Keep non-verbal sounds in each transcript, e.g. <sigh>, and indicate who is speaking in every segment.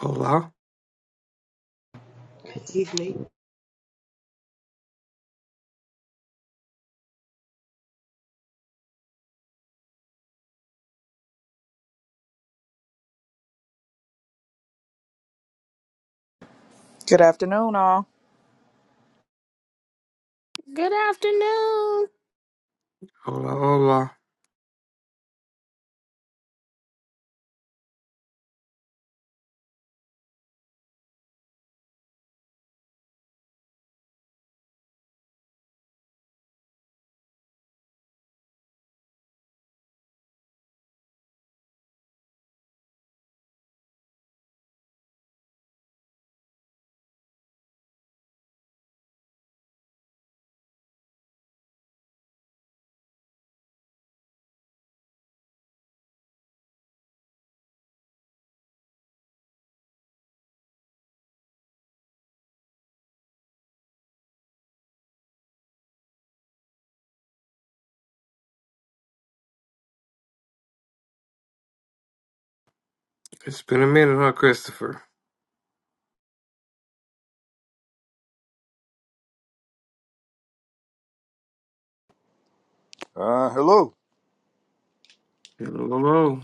Speaker 1: Hola,
Speaker 2: evening.
Speaker 3: Good afternoon, all.
Speaker 4: Good afternoon.
Speaker 1: hola, hola. It's been a minute, huh, Christopher?
Speaker 5: Uh, hello.
Speaker 1: Hello, hello.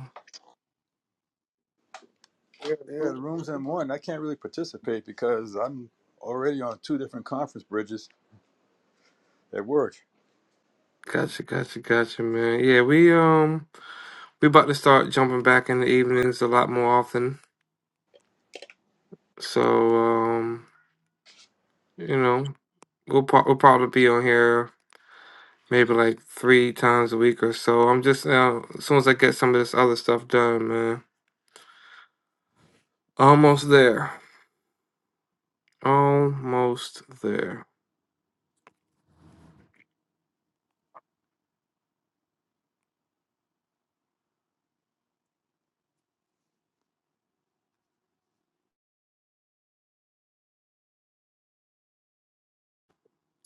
Speaker 5: Yeah, the room's in one. I can't really participate because I'm already on two different conference bridges at work.
Speaker 1: Gotcha, gotcha, gotcha, man. Yeah, we um we about to start jumping back in the evenings a lot more often. So um, you know, we'll pro- we'll probably be on here maybe like three times a week or so. I'm just uh, as soon as I get some of this other stuff done, man. Almost there. Almost there.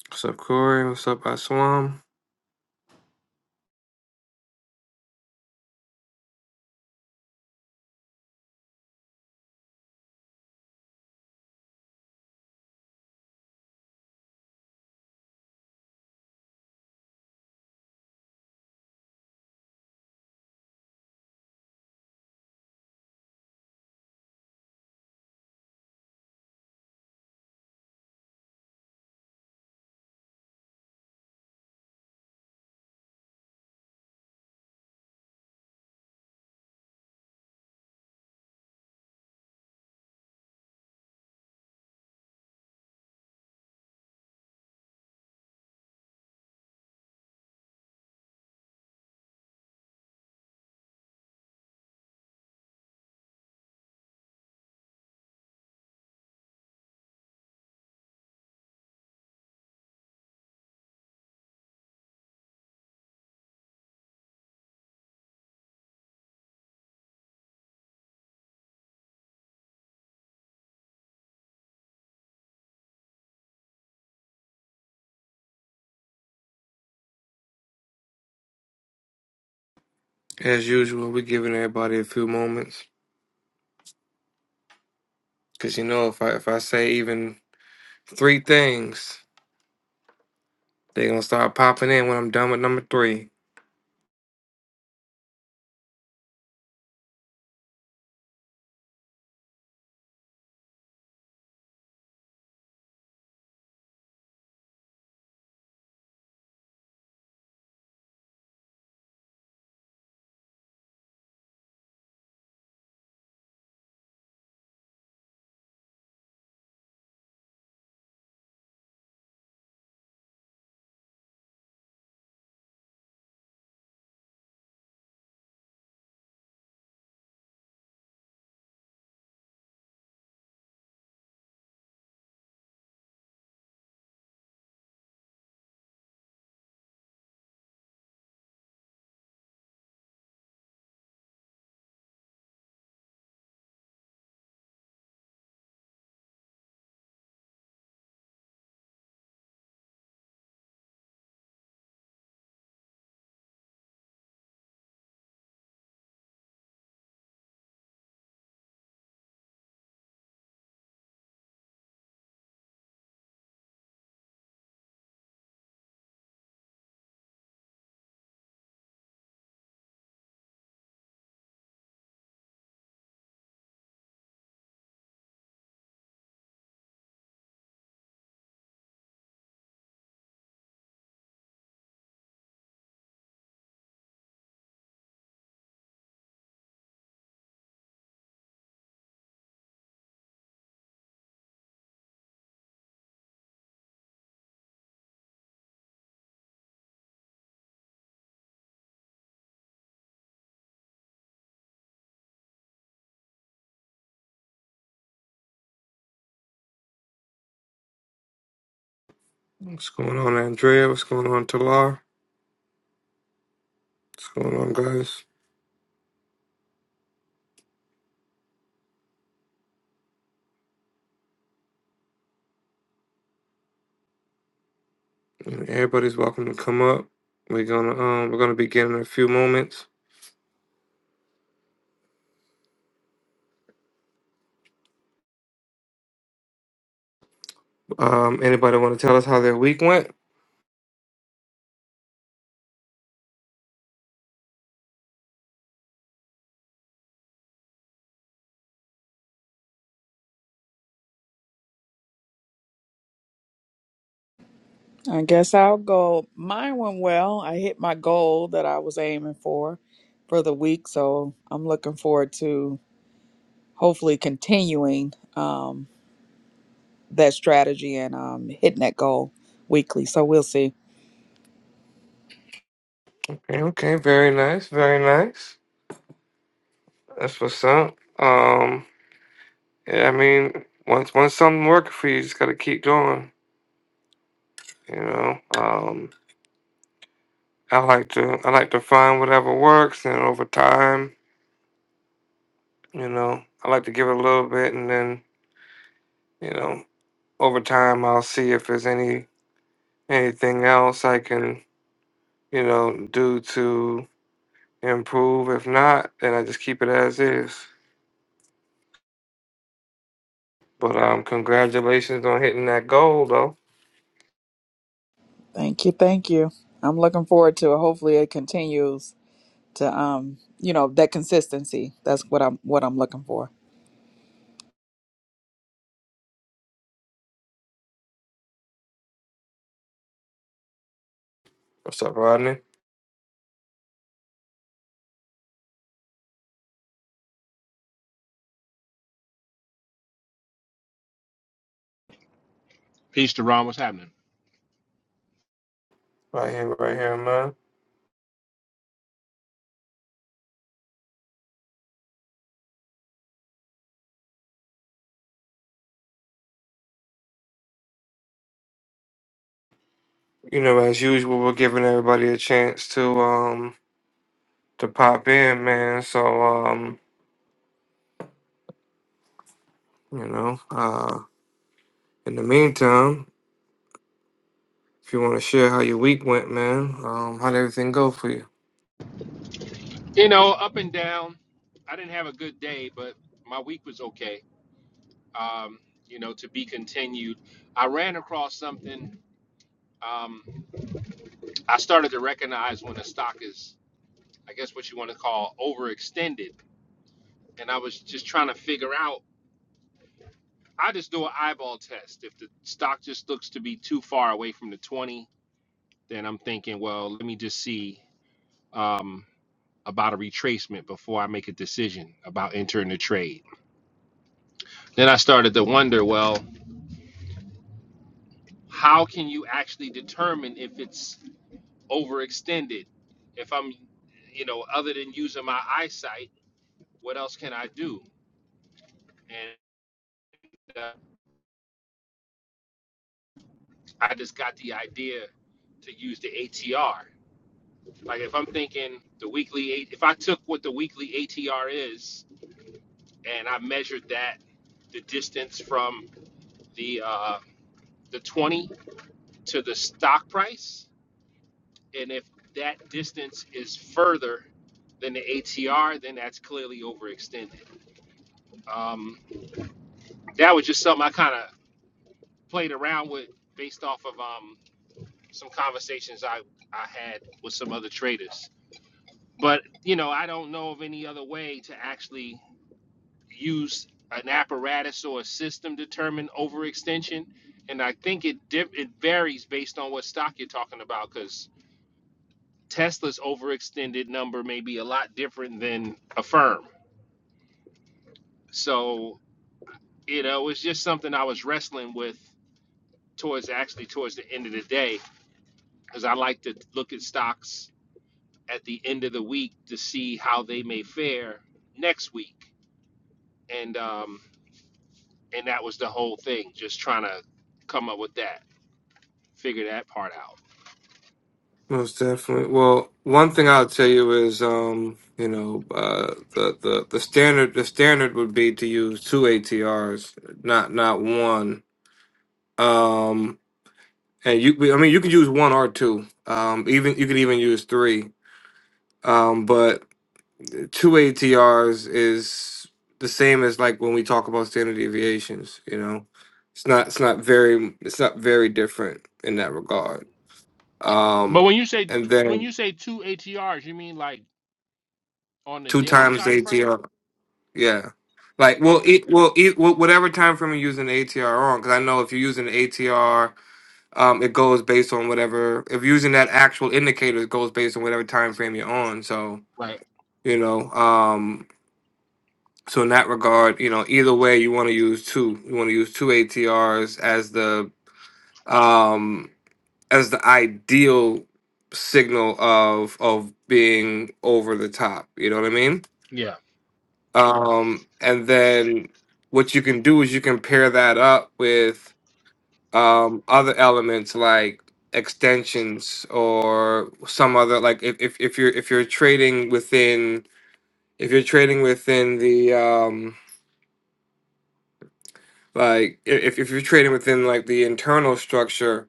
Speaker 1: What's up, Corey? What's up, Aslam? As usual, we're giving everybody a few moments. Cause you know, if I if I say even three things, they gonna start popping in when I'm done with number three. What's going on, Andrea? What's going on, Talar? What's going on, guys? Everybody's welcome to come up. We're gonna um we're gonna begin in a few moments. Um, anybody want to tell us how their week went?
Speaker 3: I guess I'll go. Mine went well. I hit my goal that I was aiming for for the week, so I'm looking forward to hopefully continuing um, that strategy and um, hitting that goal weekly. So we'll see.
Speaker 1: Okay, okay, very nice, very nice. That's what's up. Um, yeah, I mean, once once something working for you, you just gotta keep going. You know, Um, I like to I like to find whatever works, and over time, you know, I like to give it a little bit, and then you know, over time, I'll see if there's any anything else I can you know do to improve. If not, then I just keep it as is. But um, congratulations on hitting that goal, though.
Speaker 3: Thank you, thank you. I'm looking forward to. it. Hopefully, it continues to um, you know that consistency. That's what I'm what I'm looking for.
Speaker 1: What's up, Rodney?
Speaker 6: Peace to Ron. What's happening?
Speaker 1: Right here, right here, man. You know, as usual, we're giving everybody a chance to um to pop in, man. So um, you know, uh, in the meantime. If you want to share how your week went, man, um, how did everything go for you?
Speaker 6: You know, up and down. I didn't have a good day, but my week was okay. Um, you know, to be continued. I ran across something. Um, I started to recognize when a stock is, I guess, what you want to call overextended. And I was just trying to figure out. I just do an eyeball test. If the stock just looks to be too far away from the 20, then I'm thinking, well, let me just see um, about a retracement before I make a decision about entering the trade Then I started to wonder, well, how can you actually determine if it's overextended? If I'm, you know, other than using my eyesight, what else can I do? And uh, I just got the idea to use the ATR. Like if I'm thinking the weekly eight, if I took what the weekly ATR is and I measured that, the distance from the uh, the 20 to the stock price, And if that distance is further than the ATR, then that's clearly overextended. Um, that was just something I kind of played around with based off of um, some conversations I, I had with some other traders. But, you know, I don't know of any other way to actually use an apparatus or a system to determine overextension. And I think it, diff it varies based on what stock you're talking about because Tesla's overextended number may be a lot different than a firm. So, you know, it was just something I was wrestling with towards actually towards the end of the day because I like to look at stocks at the end of the week to see how they may fare next week. And um and that was the whole thing, just trying to come up with that, figure that part out.
Speaker 1: Most definitely. Well, one thing I'll tell you is, um, you know, uh, the, the the standard the standard would be to use two ATRs, not not one. Um, and you, I mean, you could use one or two. Um, even you could even use three. Um, but two ATRs is the same as like when we talk about standard deviations. You know, it's not it's not very it's not very different in that regard
Speaker 6: But
Speaker 1: Um,
Speaker 6: when you say
Speaker 1: and
Speaker 6: when
Speaker 1: then
Speaker 6: you say two ATRs, you mean like on the
Speaker 1: two
Speaker 6: daily
Speaker 1: times
Speaker 6: time
Speaker 1: the
Speaker 6: frame?
Speaker 1: ATR. Yeah. Like, well,
Speaker 6: Okay.
Speaker 1: it will it wh- whatever time frame you're using the ATR on, because I know if you're using the ATR, um, it goes based on whatever. If you're using that actual indicator, it goes based on whatever time frame you're on. So
Speaker 6: Right.
Speaker 1: you know, um, so in that regard, you know, either way, you want to use two. You want to use two ATRs as the um as the ideal signal of of being over the top. You know what I mean?
Speaker 6: Yeah.
Speaker 1: Um, and then what you can do is you can pair that up with um, other elements like extensions or some other like if, if, if you're if you're trading within if you're trading within the um, like i- if, if you're trading within like the internal structure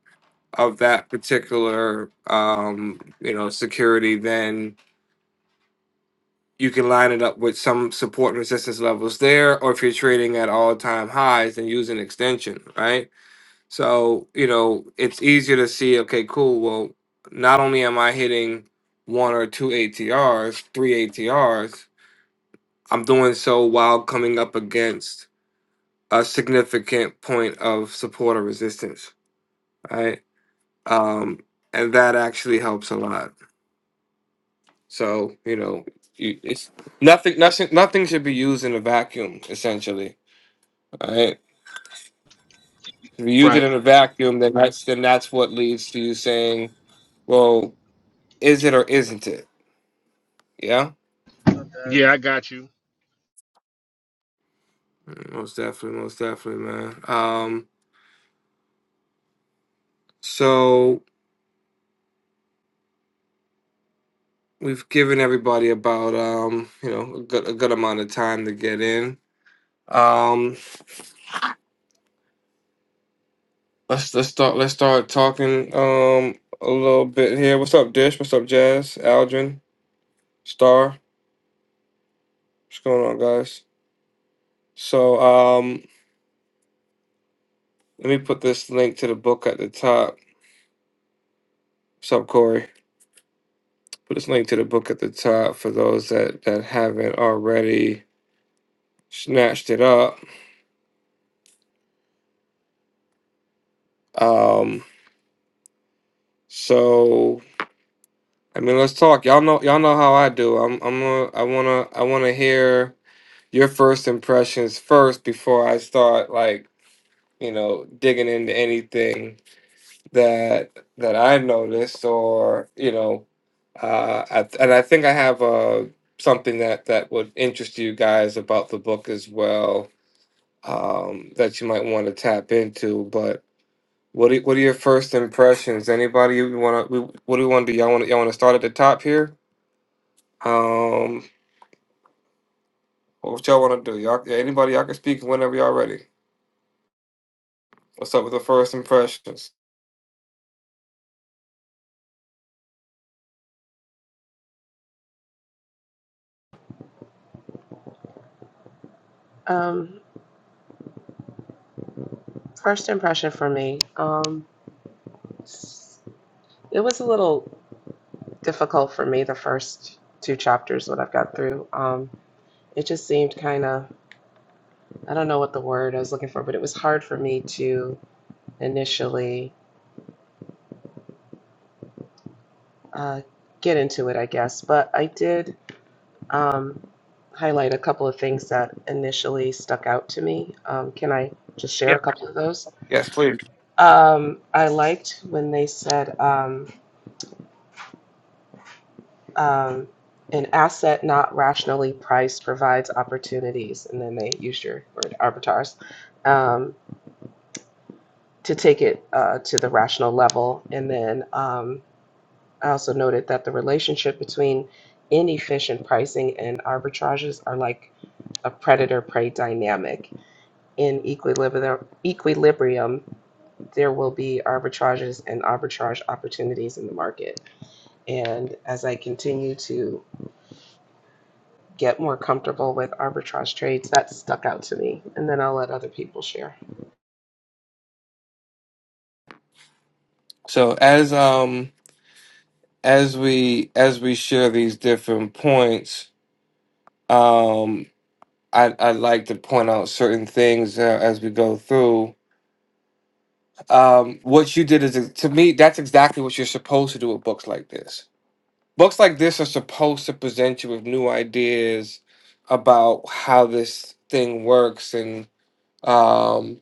Speaker 1: of that particular um, you know security then you can line it up with some support and resistance levels there, or if you're trading at all time highs, then use an extension, right? So, you know, it's easier to see, okay, cool, well, not only am I hitting one or two ATRs, three ATRs, I'm doing so while coming up against a significant point of support or resistance, right? Um, and that actually helps a lot. So, you know, you, it's nothing, nothing, nothing should be used in a vacuum, essentially All right. If you use it
Speaker 6: Right.
Speaker 1: in a vacuum, then that's then that's what leads to you saying, "Well, is it or isn't it?" Yeah.
Speaker 6: Uh, Yeah, I got you.
Speaker 1: Most definitely, most definitely, man. Um, so we've given everybody about um, you know, a good a good amount of time to get in. Um, let's let's start let's start talking um a little bit here. What's up, Dish? What's up, Jazz? Aldrin, Star. What's going on, guys? So um, let me put this link to the book at the top. What's up, Corey? Put this link to the book at the top for those that that haven't already snatched it up. Um, so I mean, let's talk. Y'all know, y'all know how I do. I'm, I'm, a, I wanna, I am going to i want to i want to hear your first impressions first before I start like you know digging into anything that that I noticed or you know, uh, I, and I think I have uh something that that would interest you guys about the book as well um, that you might want to tap into. But what are, what are your first impressions? Anybody you want to? What do you want to do? Y'all want y'all want to start at the top here? Um, what y'all want to do? Y'all, yeah, anybody? Y'all can speak whenever y'all ready. What's up with the first impressions?
Speaker 2: Um, first impression for me, um, it was a little difficult for me the first two chapters What I've got through. Um, it just seemed kind of, I don't know what the word I was looking for, but it was hard for me to initially uh, get into it, I guess. But I did um, highlight a couple of things that initially stuck out to me. Um, can I just share
Speaker 1: Yeah.
Speaker 2: a couple of those?
Speaker 1: Yes, please.
Speaker 2: Um, I liked when they said. Um, Um, an asset not rationally priced provides opportunities, and then they use your word arbitrage um, to take it uh, to the rational level. And then um, I also noted that the relationship between inefficient pricing and arbitrages are like a predator prey dynamic. In equilibri- equilibrium, there will be arbitrages and arbitrage opportunities in the market. And as I continue to get more comfortable with arbitrage trades. That stuck out to me. And then I'll let other people share.
Speaker 1: So as um as we as we share these different points, um, I I like to point out certain things uh, as we go through um, what you did is to me that's exactly what you're supposed to do with books like this books like this are supposed to present you with new ideas about how this thing works and um,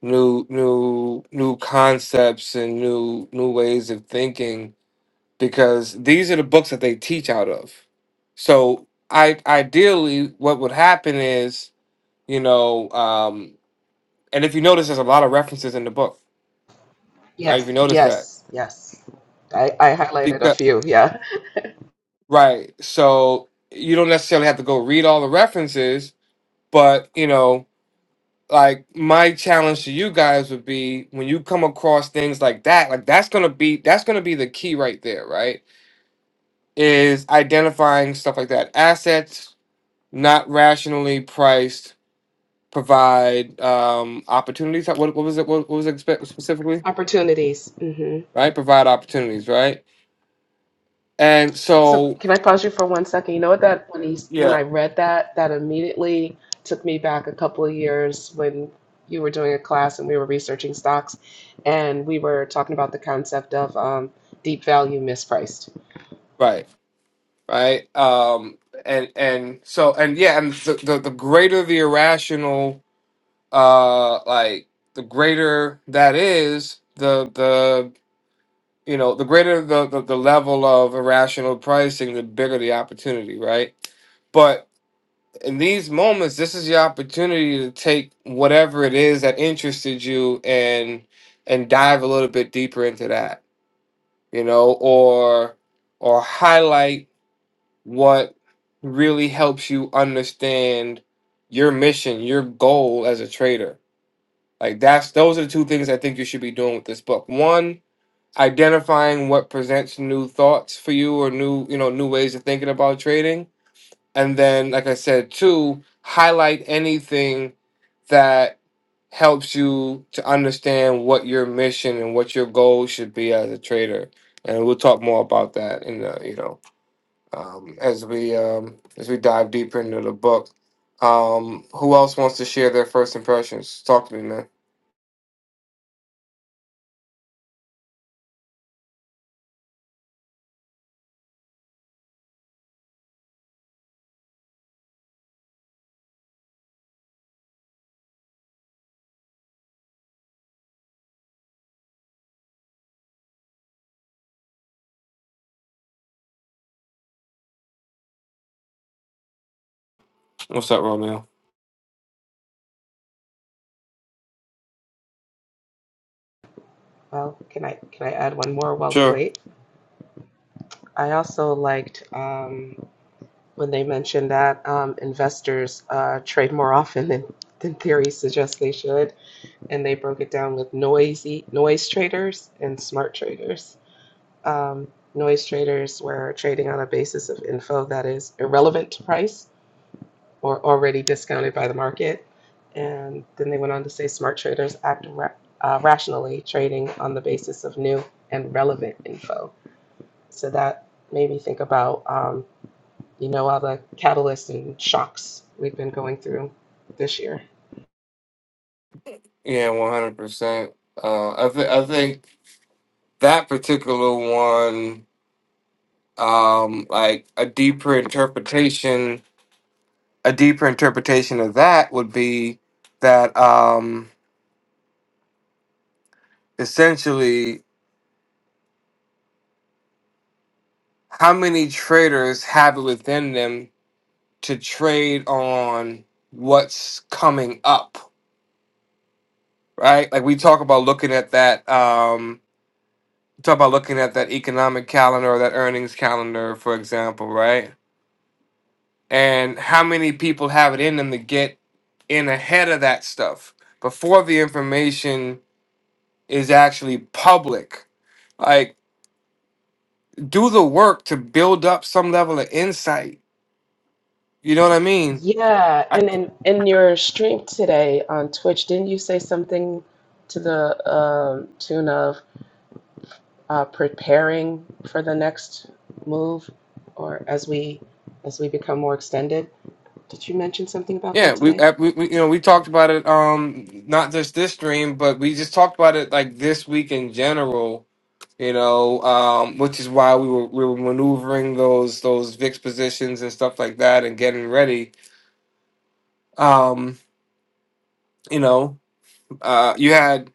Speaker 1: new new new concepts and new new ways of thinking because these are the books that they teach out of so i ideally what would happen is you know um, and if you notice there's a lot of references in the book right if you
Speaker 2: Yes,
Speaker 1: notice that
Speaker 2: yes, yes. I, I highlighted
Speaker 1: because
Speaker 2: a few, yeah.
Speaker 1: Right. So you don't necessarily have to go read all the references, but you know, like my challenge to you guys would be when you come across things like that, like that's gonna be that's gonna be the key right there, right? Is identifying stuff like that. Assets not rationally priced provide um opportunities. What, what was it? What, what was it spe- specifically?
Speaker 2: Opportunities. hmm
Speaker 1: Right? Provide opportunities, right? And
Speaker 2: So
Speaker 1: so
Speaker 2: can I pause you for one second? You know what that when he when
Speaker 1: yeah,
Speaker 2: I read that, that immediately took me back a couple of years when you were doing a class and we were researching stocks, and we were talking about the concept of um, deep value mispriced.
Speaker 1: right. right? Um, and and so and yeah, and the the, the greater the irrational, uh, like the greater that is, the the you know the greater the, the the level of irrational pricing, the bigger the opportunity, right? But in these moments, this is your opportunity to take whatever it is that interested you and and dive a little bit deeper into that, you know, or or highlight what really helps you understand your mission, your goal as a trader. Like that's those are the two things I think you should be doing with this book. One, identifying what presents new thoughts for you or new, you know, new ways of thinking about trading. And then like I said, two, highlight anything that helps you to understand what your mission and what your goal should be as a trader. And we'll talk more about that in the, you know, um, as we um, as we dive deeper into the book. Um, who else wants to share their first impressions? Talk to me, man. What's up, Romeo?
Speaker 2: Well, can I can I add one more while we
Speaker 1: Sure.
Speaker 2: wait? I also liked um, when they mentioned that um, investors uh, trade more often than than theory suggests they should, and they broke it down with noisy noise traders and smart traders. Um, noise traders were trading on a basis of info that is irrelevant to price, or already discounted by the market. And then they went on to say smart traders act ra- uh, rationally, trading on the basis of new and relevant info. So that made me think about, um, you know, all the catalysts and shocks we've been going through this year.
Speaker 1: Yeah, one hundred percent. Uh, I th- I think that particular one, um, like a deeper interpretation, a deeper interpretation of that would be that um, essentially how many traders have it within them to trade on what's coming up right? Like we talk about looking at that, um, talk about looking at that economic calendar or that earnings calendar, for example, right? And how many people have it in them to get in ahead of that stuff before the information is actually public? Like, do the work to build up some level of insight. You know what I mean?
Speaker 2: Yeah,
Speaker 1: I,
Speaker 2: and in, in your stream today on Twitch, didn't you say something to the um, tune of uh, preparing for the next move, or as we as we become more extended? Did you mention something about
Speaker 1: yeah,
Speaker 2: that
Speaker 1: we,
Speaker 2: today?
Speaker 1: uh, we, we, you know, we talked about it. Um, not just this stream, but we just talked about it like this week in general you know, um, which is why we were we were maneuvering those those VIX positions and stuff like that and getting ready. Um, you know, uh, you had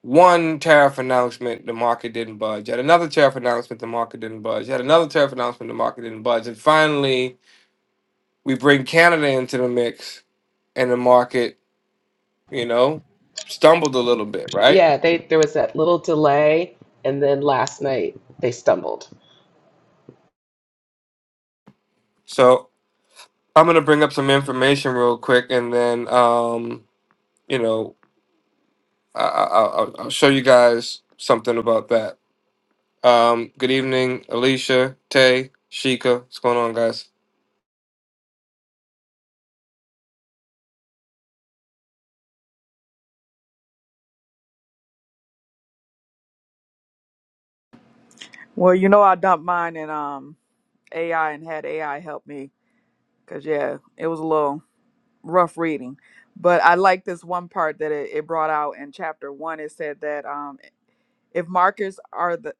Speaker 1: one tariff announcement, the market didn't budge. You had another tariff announcement, the market didn't budge. You had another tariff announcement, the market didn't budge. And finally, we bring Canada into the mix, and the market, you know, stumbled a little bit, right?
Speaker 2: Yeah, they there was that little delay, and then last night they stumbled.
Speaker 1: So I'm gonna bring up some information real quick, and then um, you know. I, I, I'll, I'll show you guys something about that. Um, good evening, Alicia, Tay, Sheikah. What's going on, guys?
Speaker 3: Well, you know, I dumped mine in um, AI and had AI help me because yeah, it was a little. rough reading. But I like this one part that it, it brought out in chapter one. It said that um, if markers are the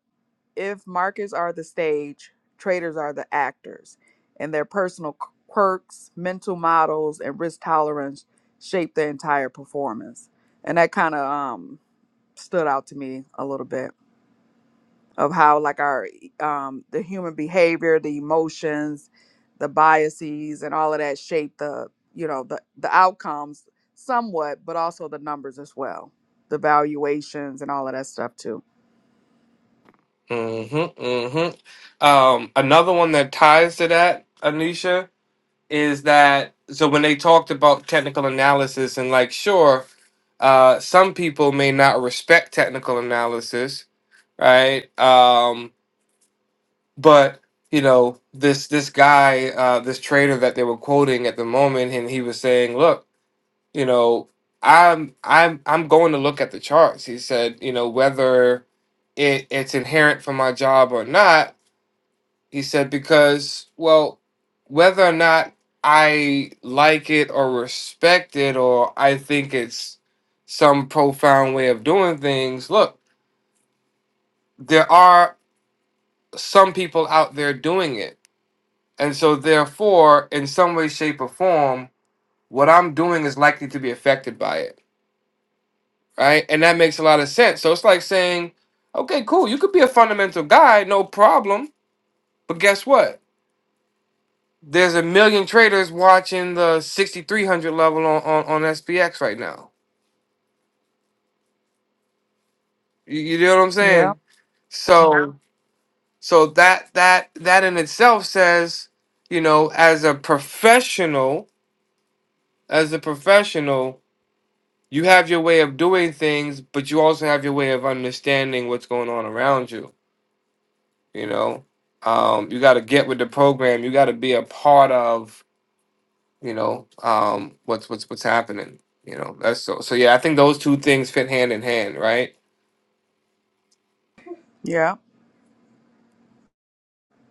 Speaker 3: if markers are the stage, traders are the actors, and their personal qu- quirks, mental models, and risk tolerance shape the entire performance. And that kind of um, stood out to me a little bit of how like our e, um the human behavior the emotions the biases and all of that shape the you know the the outcomes somewhat but also the numbers as well the valuations and all of that stuff too
Speaker 1: Mm-hmm, mm-hmm. Um, another one that ties to that, Anisha, is that so when they talked about technical analysis and like, sure, uh, some people may not respect technical analysis, right? Um, but you know, this this guy, uh, this trader that they were quoting at the moment, and he was saying, look. you know i'm i'm i'm going to look at the charts he said you know whether it, it's inherent for my job or not he said because well whether or not i like it or respect it or i think it's some profound way of doing things look there are some people out there doing it and so therefore in some way shape or form what i'm doing is likely to be affected by it right? And that makes a lot of sense. So it's like saying, okay, cool, you could be a fundamental guy, no problem. But guess what? There's a million traders watching the 6,300 level on, on, on SPX right now. You, you know what I'm
Speaker 3: yeah
Speaker 1: saying? So, Yeah. so that that that in itself says, you know, as a professional, as a professional, you have your way of doing things, but you also have your way of understanding what's going on around you you know um you got to get with the program you got to be a part of you know um what's what's what's happening you know that's so so yeah i think those two things fit hand in hand right
Speaker 3: yeah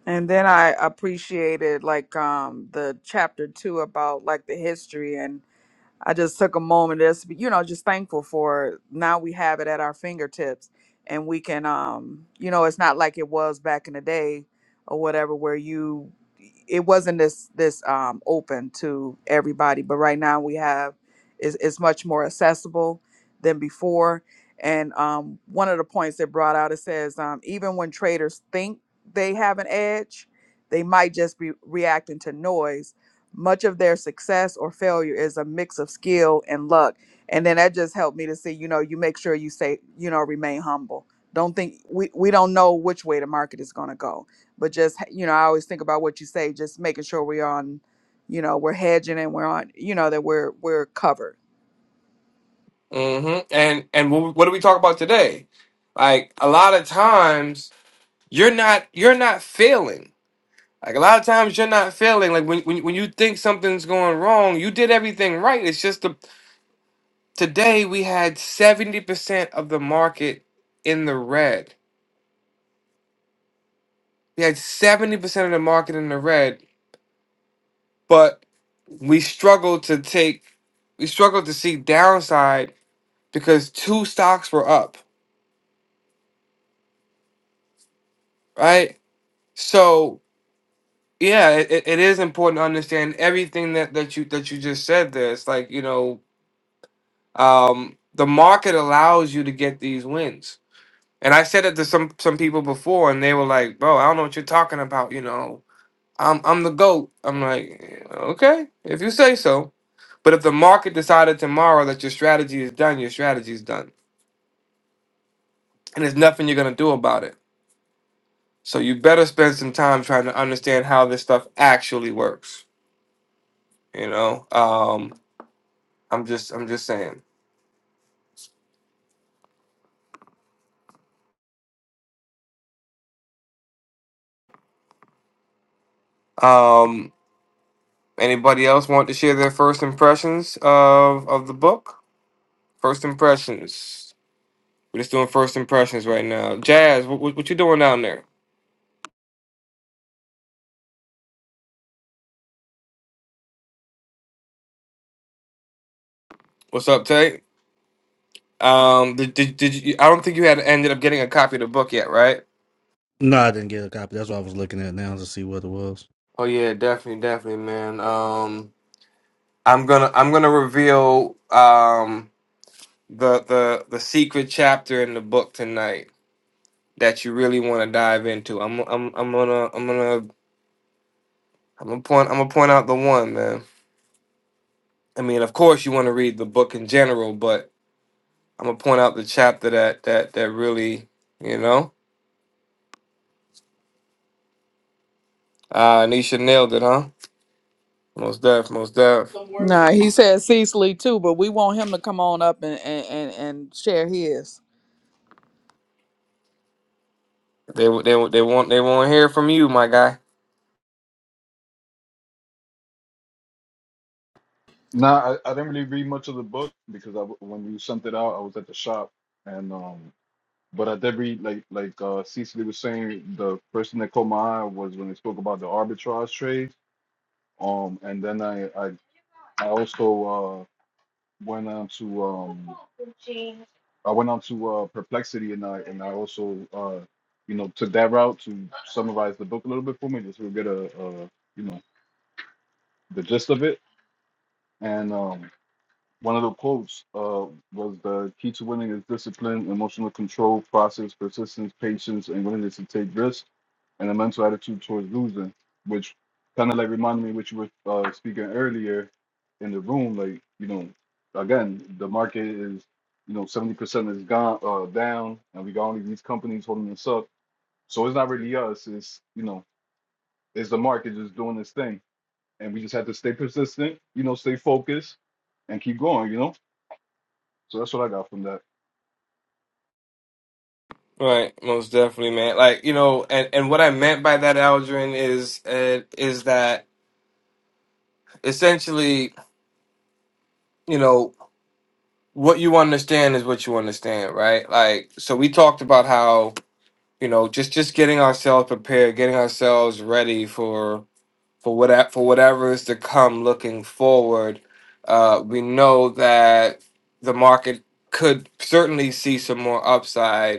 Speaker 3: and then i appreciated like um the chapter two about like the history and I just took a moment just you know just thankful for now we have it at our fingertips and we can um you know it's not like it was back in the day or whatever where you it wasn't this this um open to everybody but right now we have is it's it's much more accessible than before and um one of the points it brought out it says um even when traders think they have an edge they might just be reacting to noise much of their success or failure is a mix of skill and luck and then that just helped me to see you know you make sure you say you know remain humble don't think we, we don't know which way the market is going to go but just you know i always think about what you say just making sure we're on you know we're hedging and we're on you know that we're we're covered
Speaker 1: hmm and and wh- what do we talk about today like a lot of times you're not you're not failing like a lot of times you're not failing like when, when, when you think something's going wrong you did everything right it's just the today we had 70% of the market in the red We had 70% of the market in the red, but we struggled to take we struggled to see downside because two stocks were up, right? So yeah, it, it it is important to understand everything that, that you that you just said there. It's like, you know, um, the market allows you to get these wins. And I said it to some some people before and they were like, bro, I don't know what you're talking about, you know. I'm I'm the goat. I'm like, okay, if you say so. But if the market decided tomorrow that your strategy is done, your strategy is done, and there's nothing you're gonna do about it. So you better spend some time trying to understand how this stuff actually works. You know, um, I'm just I'm just saying. Um, anybody else want to share their first impressions of of the book? First impressions. We're just doing first impressions right now. Jazz, what, what, what you doing down there? What's up, Tate? Um, did, did, did you, I don't think you had ended up getting a copy of the book yet, right?
Speaker 7: No, I didn't get a copy. That's what I was looking at now to see what it was.
Speaker 1: Oh yeah, definitely, definitely, man. Um, I'm gonna I'm gonna reveal um the the the secret chapter in the book tonight that you really want to dive into. I'm I'm I'm gonna I'm gonna I'm gonna point I'm gonna point out the one, man. I mean, of course, you want to read the book in general, but I'm gonna point out the chapter that that that really, you know, uh, Nisha nailed it, huh? Most deaf, most deaf.
Speaker 3: nah he said cecily too but we want him to come on up and and and, and share his
Speaker 1: They they they won't they won't hear from you, my guy.
Speaker 8: Nah, I, I didn't really read much of the book because I, w- when you sent it out, I was at the shop, and um, but I did read like like uh, Cecily was saying, the first thing that caught my eye was when they spoke about the arbitrage trade. Um, and then I I, I also uh went on to um I went on to uh perplexity, and I and I also uh you know took that route to summarize the book a little bit for me, just to get a, a you know the gist of it, and um. One of the quotes uh, was the key to winning is discipline, emotional control, process, persistence, patience, and willingness to take risks, and a mental attitude towards losing, which kind of like reminded me what you were uh, speaking earlier in the room. Like, you know, again, the market is, you know, 70% is gone uh, down, and we got only these companies holding us up. So it's not really us. It's, you know, it's the market just doing its thing. And we just have to stay persistent, you know, stay focused and keep going, you know? So that's what I got from that.
Speaker 1: Right, most definitely, man. Like you know, and and what I meant by that, Aldrin, is uh, is that essentially, you know, what you understand is what you understand, right? Like, so we talked about how you know just just getting ourselves prepared, getting ourselves ready for for what for whatever is to come, looking forward. Uh, we know that the market could certainly see some more upside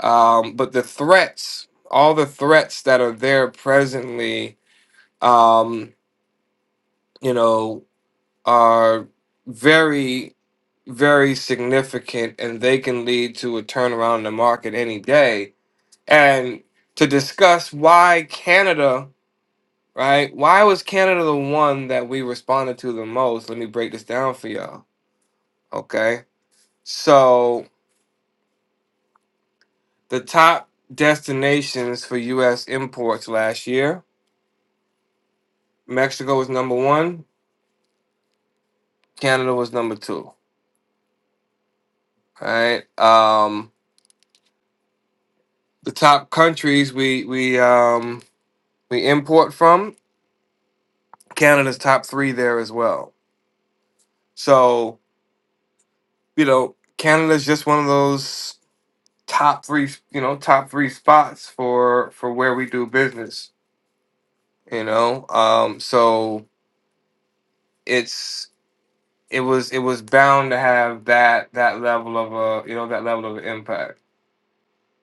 Speaker 1: um, but the threats, all the threats that are there presently, um, you know, are very, very significant, and they can lead to a turnaround in the market any day. And to discuss why Canada, right? Why was Canada the one that we responded to the most? Let me break this down for y'all. Okay, so the top destinations for U.S. imports last year. Mexico was number one. Canada was number two. All right. Um, the top countries we we um, we import from Canada's top three there as well. So you know Canada's just one of those top three you know top three spots for for where we do business. You know, um, so it's it was it was bound to have that that level of a you know that level of impact.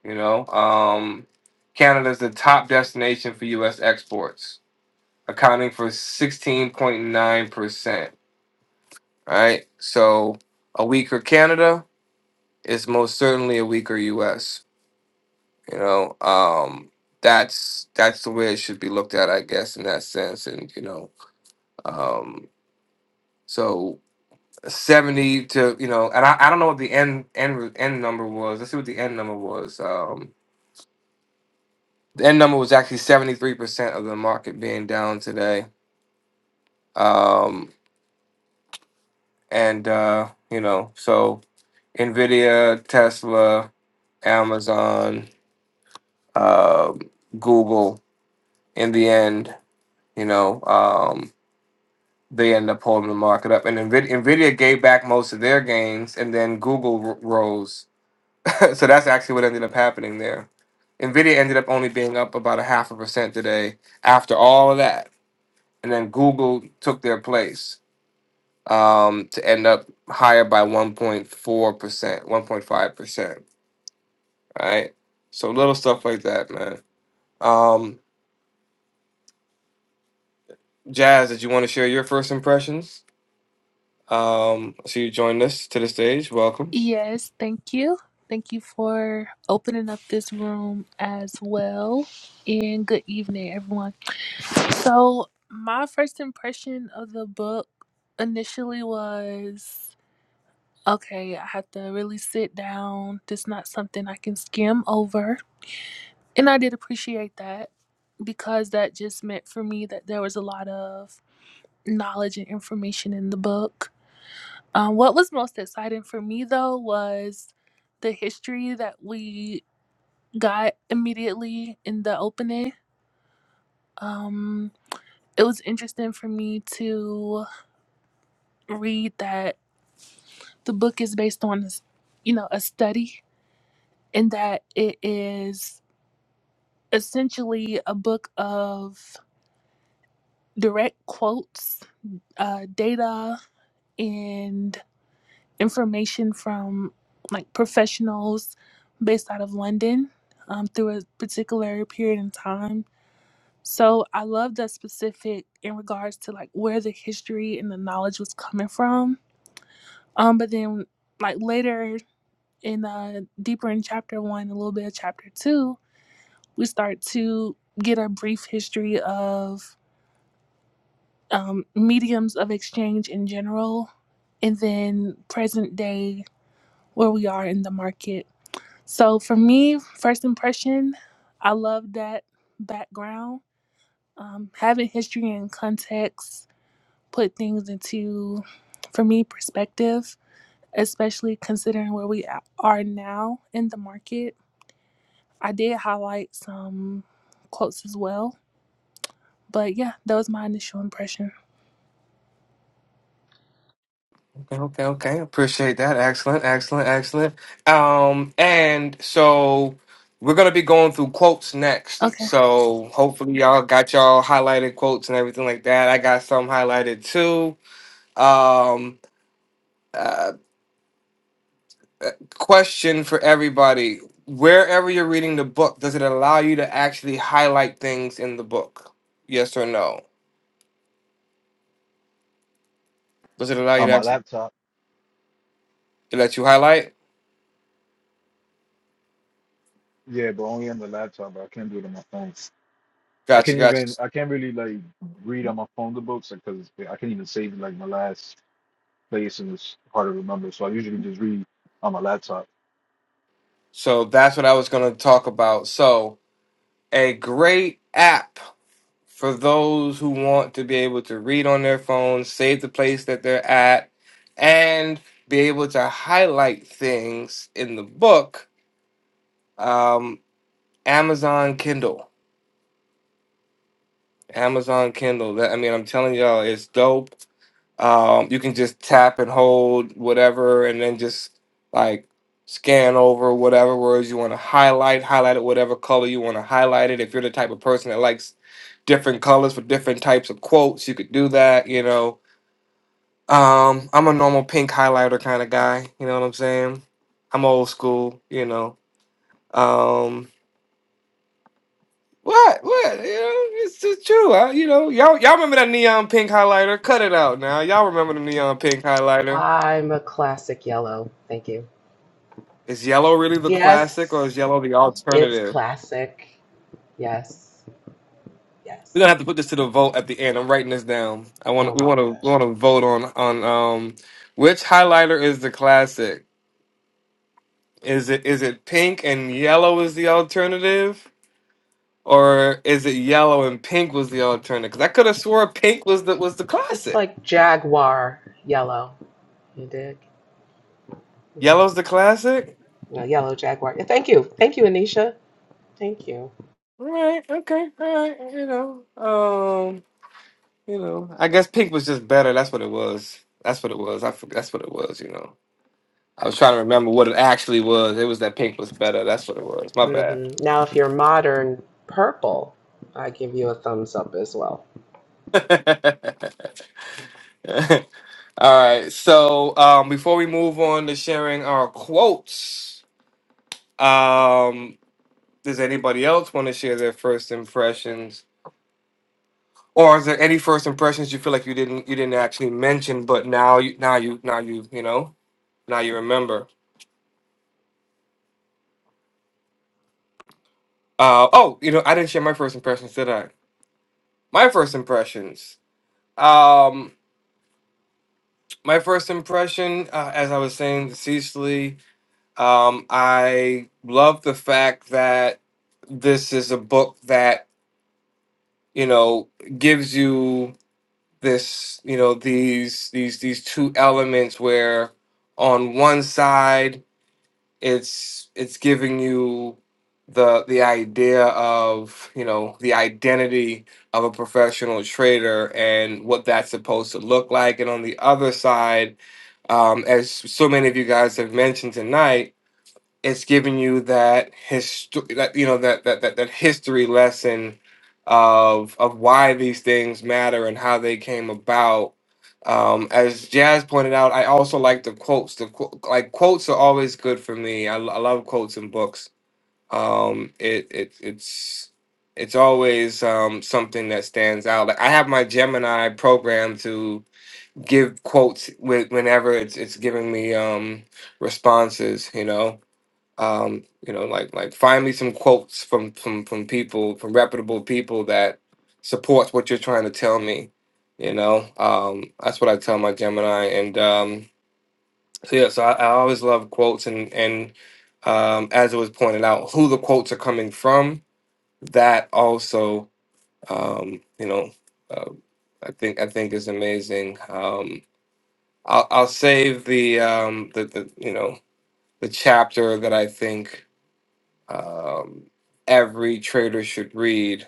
Speaker 1: You know, um, Canada's the top destination for U.S. exports accounting for 16.9%. Right? So a weaker Canada is most certainly a weaker US. You know, um, that's that's the way it should be looked at, I guess, in that sense. And, you know, um, so 70 to, you know, and I, I don't know what the end, end end number was. Let's see what the end number was. Um, the end number was actually 73% of the market being down today. Um, and, uh, you know, so Nvidia, Tesla, Amazon, uh, Google. In the end, you know, um, they end up holding the market up, and Nvidia, Nvidia gave back most of their gains, and then Google r- rose. <laughs> so that's actually what ended up happening there. Nvidia ended up only being up about a half a percent today after all of that, and then Google took their place um, to end up higher by one point four percent, one point five percent. Right. So little stuff like that, man. Um, Jazz, did you want to share your first impressions? Um, so you joined us to the stage. Welcome.
Speaker 9: Yes, thank you. Thank you for opening up this room as well. And good evening, everyone. So, my first impression of the book initially was okay, I have to really sit down. This is not something I can skim over. And I did appreciate that because that just meant for me that there was a lot of knowledge and information in the book. Um, what was most exciting for me, though, was the history that we got immediately in the opening. Um, it was interesting for me to read that the book is based on, you know, a study, and that it is essentially a book of direct quotes, uh, data, and information from like professionals based out of London um, through a particular period in time So I love that specific in regards to like where the history and the knowledge was coming from. Um, but then like later in uh deeper in chapter one, a little bit of chapter two, we start to get a brief history of um, mediums of exchange in general, and then present day where we are in the market. So for me, first impression, I love that background. Um, having history and context put things into, for me, perspective, especially considering where we are now in the market. I did highlight some quotes as well, but yeah, that was my initial impression.
Speaker 1: Okay, okay, okay. Appreciate that. Excellent, excellent, excellent. Um, and so we're gonna be going through quotes next.
Speaker 9: Okay.
Speaker 1: So hopefully y'all got y'all highlighted quotes and everything like that. I got some highlighted too. Um, question for everybody: Wherever you're reading the book, does it allow you to actually highlight things in the book? Yes or no? Does it allow you
Speaker 8: On
Speaker 1: to
Speaker 8: my
Speaker 1: actually?
Speaker 8: laptop.
Speaker 1: It lets you highlight?
Speaker 8: Yeah, but only on the laptop. But I can't do it on my phone. I
Speaker 1: Gotcha,
Speaker 8: can't
Speaker 1: gotcha.
Speaker 8: even. I can't really like read on my phone the books because I can't even save like my last place and it's hard to remember. So I usually just read on my laptop.
Speaker 1: So that's what I was going to talk about. So, a great app for those who want to be able to read on their phone, save the place that they're at, and be able to highlight things in the book. Um, Amazon Kindle. Amazon Kindle. That I mean, I'm telling y'all, it's dope. Um, you can just tap and hold whatever, and then just like scan over whatever words you want to highlight, highlight it whatever color you want to highlight it. If you're the type of person that likes different colors for different types of quotes, you could do that, you know. Um, I'm a normal pink highlighter kind of guy, you know what I'm saying? I'm old school, you know. Um, what, what? You know, it's just true. I, you know, y'all, y'all remember that neon pink highlighter? Cut it out now. Y'all remember the neon pink highlighter?
Speaker 2: I'm a classic yellow. Thank you.
Speaker 1: Is yellow really the classic or
Speaker 2: Yes,
Speaker 1: is yellow the
Speaker 2: it's
Speaker 1: alternative?
Speaker 2: classic. Yes,
Speaker 1: We're gonna
Speaker 2: yes.
Speaker 1: have to put this to the vote at the end. I'm writing this down. I want
Speaker 2: Oh
Speaker 1: we
Speaker 2: my
Speaker 1: want to we
Speaker 2: gosh,
Speaker 1: want to vote on on um which highlighter is the classic? Is it is it pink and yellow is the alternative, or is it yellow and pink was the alternative? Because I could have swore pink was the was the
Speaker 2: it's
Speaker 1: classic.
Speaker 2: like jaguar yellow. You dig? Mm-hmm.
Speaker 1: Yellow's the classic.
Speaker 2: No, yellow jaguar. Yeah, Thank you. Thank you, Anisha. Thank you.
Speaker 1: All right. Okay. All right. You know. Um. You know. I guess pink was just better. That's what it was. That's what it was. I. forg- That's what it was. You know. I was trying to remember what it actually was. It was that pink was better. That's what it was. My bad.
Speaker 2: hmm Now, if you're modern purple, I give you a thumbs up as well.
Speaker 1: <laughs> All right. So um, before we move on to sharing our quotes, um, does anybody else want to share their first impressions, or is there any first impressions you feel like you didn't you didn't actually mention, but now you now you now you you know now you remember? Uh, oh, you know I didn't share my first impressions, did I? My first impressions. Um, my first impression, uh, as I was saying to Cecily, um, I love the fact that this is a book that you know gives you this, you know, these these these two elements where on one side it's it's giving you the the idea of you know the identity of a professional trader and what that's supposed to look like and on the other side um, as so many of you guys have mentioned tonight, it's giving you that history, that you know, that that that, that history lesson of of why these things matter and how they came about. Um, as Jazz pointed out, I also like the quotes. The qu- like quotes are always good for me. I, lo- I love quotes in books. Um, it it it's it's always um, something that stands out. Like I have my Gemini program to give quotes with whenever it's it's giving me um responses you know um you know like like find me some quotes from from from people from reputable people that supports what you're trying to tell me you know um that's what i tell my gemini and um so yeah so i, I always love quotes and and um as it was pointed out who the quotes are coming from that also um you know uh, i think i think is amazing Um I'll I'll save the um the, the you know the chapter that I think um every trader should read.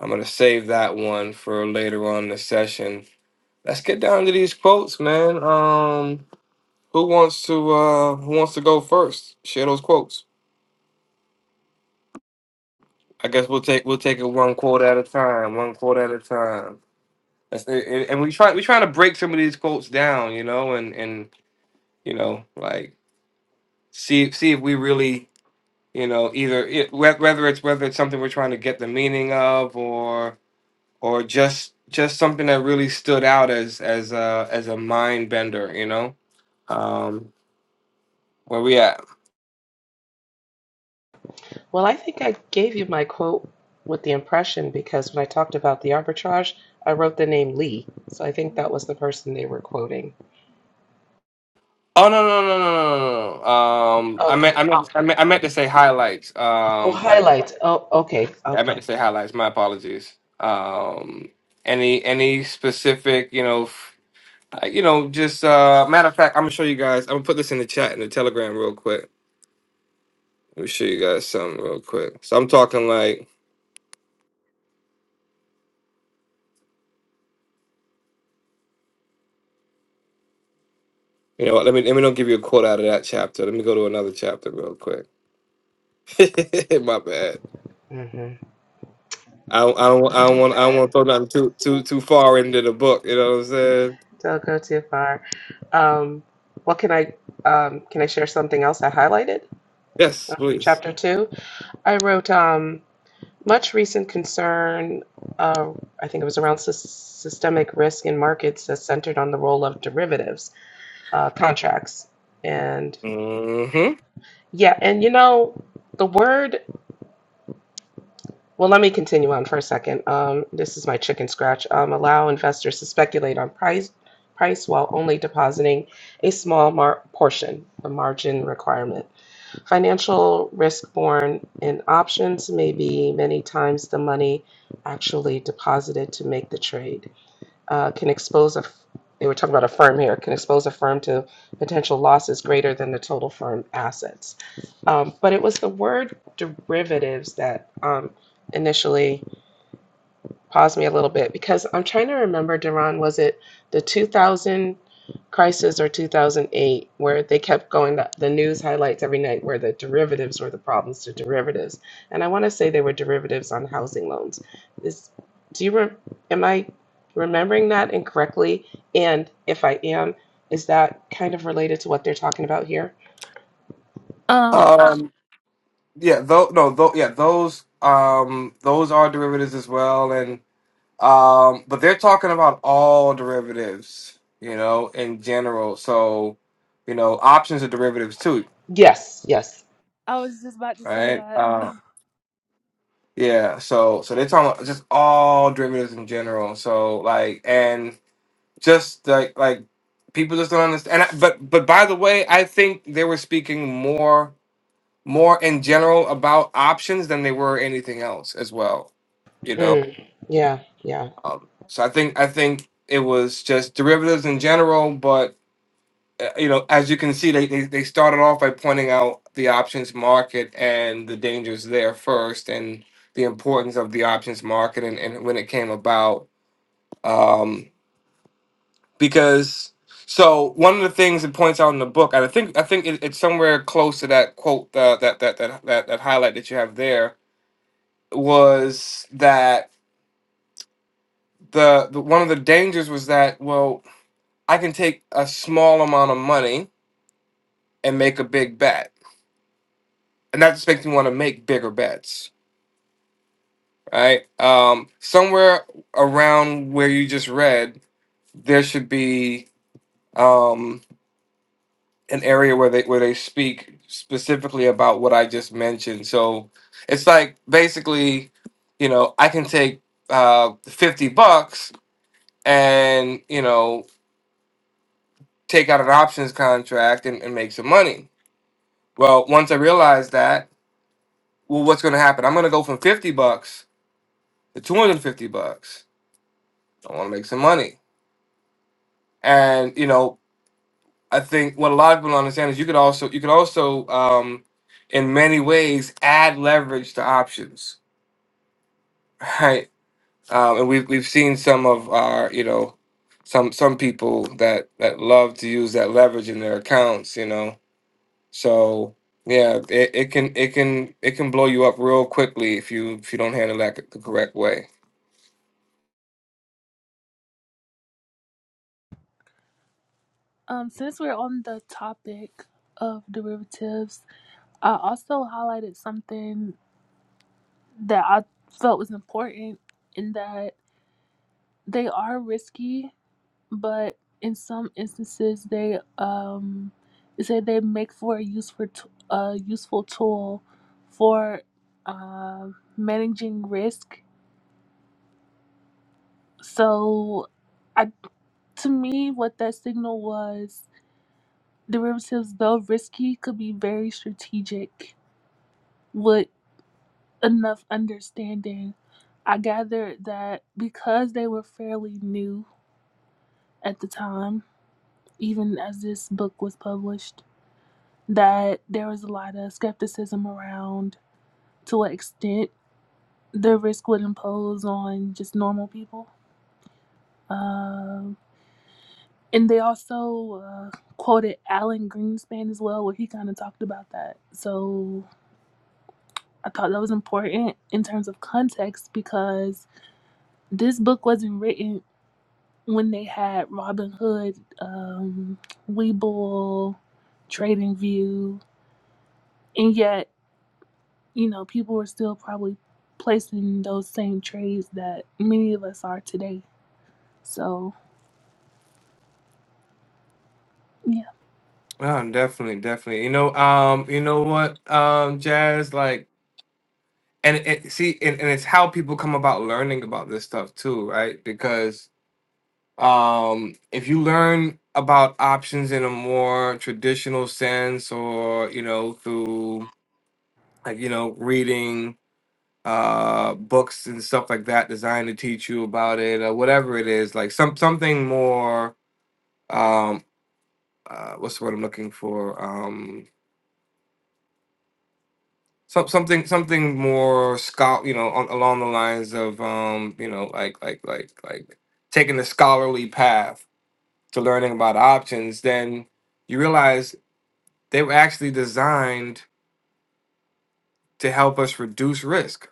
Speaker 1: I'm gonna save that one for later on in the session. Let's get down to these quotes, man. Um who wants to uh who wants to go first? Share those quotes. I guess we'll take we'll take it one quote at a time, one quote at a time. That's and and we try we trying to break some of these quotes down, you know, and and you know, like see see if we really you know either it, whe- whether it's whether it's something we're trying to get the meaning of or or just just something that really stood out as as a as a mind bender you know um where we at
Speaker 2: Well, I think I gave you my quote with the impression because when I talked about the arbitrage, I wrote the name Lee. So I think that was the person they were quoting.
Speaker 1: oh no no no no no no no no. um i
Speaker 2: Okay.
Speaker 1: meant i meant i meant, I meant to say highlights
Speaker 2: Oh,
Speaker 1: um like
Speaker 2: highlights. Oh, okay.
Speaker 1: yeah, i meant
Speaker 2: Okay.
Speaker 1: to say highlights my apologies um any any specific you know f- uh, you know just uh matter of fact i'm gonna show you guys i'm gonna put this in the chat in the telegram real quick Let me show you guys something real quick. So I'm talking like, you know, what, let me let me don't give you a quote out of that chapter. Let me go to another chapter real quick. <laughs> My bad.
Speaker 2: hmm
Speaker 1: I don't, I don't I don't want I don't want to throw nothing too too too far into the book. You know what I'm saying?
Speaker 2: Don't go too far. Um, what can I um, can I share something else I highlighted?
Speaker 1: Yes,
Speaker 2: Um,
Speaker 1: please.
Speaker 2: Chapter two. I wrote. Um, much recent concern, uh, I think it was around sys- systemic risk in markets, has centered on the role of derivatives uh, contracts. And
Speaker 1: hmm
Speaker 2: yeah, and you know, the word, well, let me continue on for a second. Um, this is my chicken scratch. Um, allow investors to speculate on price. Price while only depositing a small mar- portion, the margin requirement. Financial risk borne in options may be many times the money actually deposited to make the trade. Uh, can expose a, they were talking about a firm here, can expose a firm to potential losses greater than the total firm assets. Um, but it was the word derivatives that um, initially pause me a little bit because I'm trying to remember, Duran, was it the 2000 crisis or 2008 where they kept going the, the news highlights every night where the derivatives were the problems to derivatives? And I want to say they were derivatives on housing loans. Is do you re, am I remembering that incorrectly? And if I am, is that kind of related to what they're talking about here?
Speaker 9: Um,
Speaker 1: Um. Yeah. Though. No. Though. Yeah. Those. Um. Those are derivatives as well, and um. But they're talking about all derivatives. You know, in general. So, you know, options are derivatives too,
Speaker 2: Yes, yes.
Speaker 9: I was just about to say
Speaker 1: right?
Speaker 9: that. <sighs>
Speaker 1: Yeah, so so they're talking about just all derivatives in general. So like and just like like people just don't understand. And I, but but by the way, I think they were speaking more more in general about options than they were anything else as well. You know,
Speaker 2: Mm, yeah, yeah.
Speaker 1: um, so I think I think it was just derivatives in general, but uh, you know, as you can see, they, they they started off by pointing out the options market and the dangers there first, and the importance of the options market and, and when it came about. Um, because so one of the things it points out in the book, and I think I think it, it's somewhere close to that quote uh, that, that that that that highlight that you have there was that the, the one of the dangers was that well I can take a small amount of money and make a big bet and that just makes me want to make bigger bets, right? Um, somewhere around where you just read, there should be um, an area where they where they speak specifically about what I just mentioned. So it's like basically, you know, I can take uh, fifty bucks and you know take out an options contract and, and make some money. Well, once I realize that, well, what's going to happen? I'm going to go from fifty bucks to two hundred fifty bucks I want to make some money. And you know, I think what a lot of people don't understand is you could also you could also um, in many ways add leverage to options, <laughs> right? Um, and we've we've seen some of our you know some some people that that love to use that leverage in their accounts, you know. So yeah, it, it can it can it can blow you up real quickly if you if you don't handle that c- the correct way.
Speaker 9: Um, since we're on the topic of derivatives, I also highlighted something that I felt was important in that they are risky but in some instances they um say they make for a useful t- a useful tool for uh, managing risk. So, I to me what that signal was derivatives though risky could be very strategic with enough understanding. I gathered that because they were fairly new at the time, even as this book was published that there was a lot of skepticism around to what extent the risk would impose on just normal people. Um and they also uh, quoted Alan Greenspan as well, where he kind of talked about that. So I thought that was important in terms of context because this book wasn't written when they had Robin Hood, um, Weeble, Trading View, and yet you know, people were still probably placing those same trades that many of us are today. So, yeah.
Speaker 1: Oh, definitely, definitely. You know, um, you know what, um, Jazz, like and it, see and, and it's how people come about learning about this stuff too right because um if you learn about options in a more traditional sense or you know through like you know reading uh books and stuff like that designed to teach you about it or whatever it is like some something more um uh, what's the word i'm looking for Um Some, something something more scholar you know on, along the lines of um you know like like like like taking the scholarly path to learning about options then you realize they were actually designed to help us reduce risk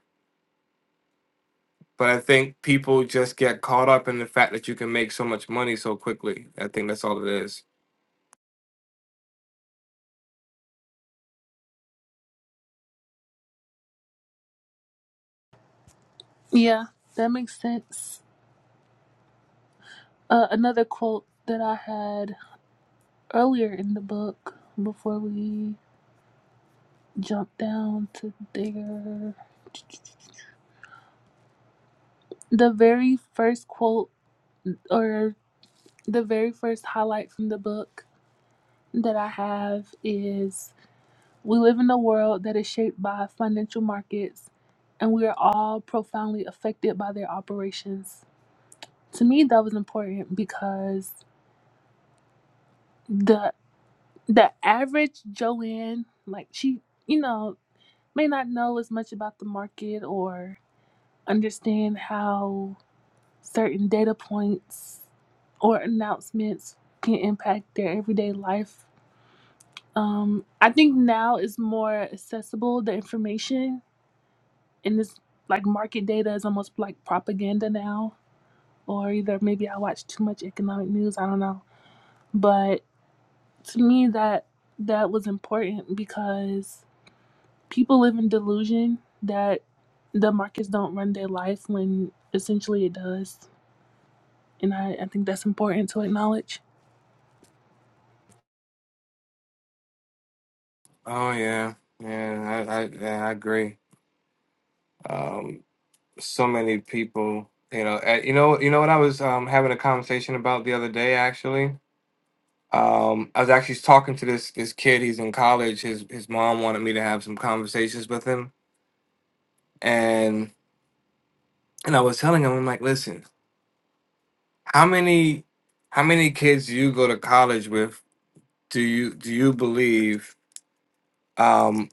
Speaker 1: but i think people just get caught up in the fact that you can make so much money so quickly i think that's all it is
Speaker 9: Yeah, that makes sense. Uh, another quote that I had earlier in the book before we jump down to there. The very first quote or the very first highlight from the book that I have is We live in a world that is shaped by financial markets, and we are all profoundly affected by their operations. To me, that was important because the the average Joanne, like she, you know, may not know as much about the market or understand how certain data points or announcements can impact their everyday life. Um, I think now is more accessible the information and this like market data is almost like propaganda now or either maybe i watch too much economic news i don't know but to me that that was important because people live in delusion that the markets don't run their life when essentially it does and i, I think that's important to acknowledge
Speaker 1: oh yeah yeah i i, yeah, I agree so many people you know uh, you know you know what i was um, having a conversation about the other day actually um, i was actually talking to this this kid he's in college his his mom wanted me to have some conversations with him and and i was telling him i'm like listen how many how many kids do you go to college with do you do you believe um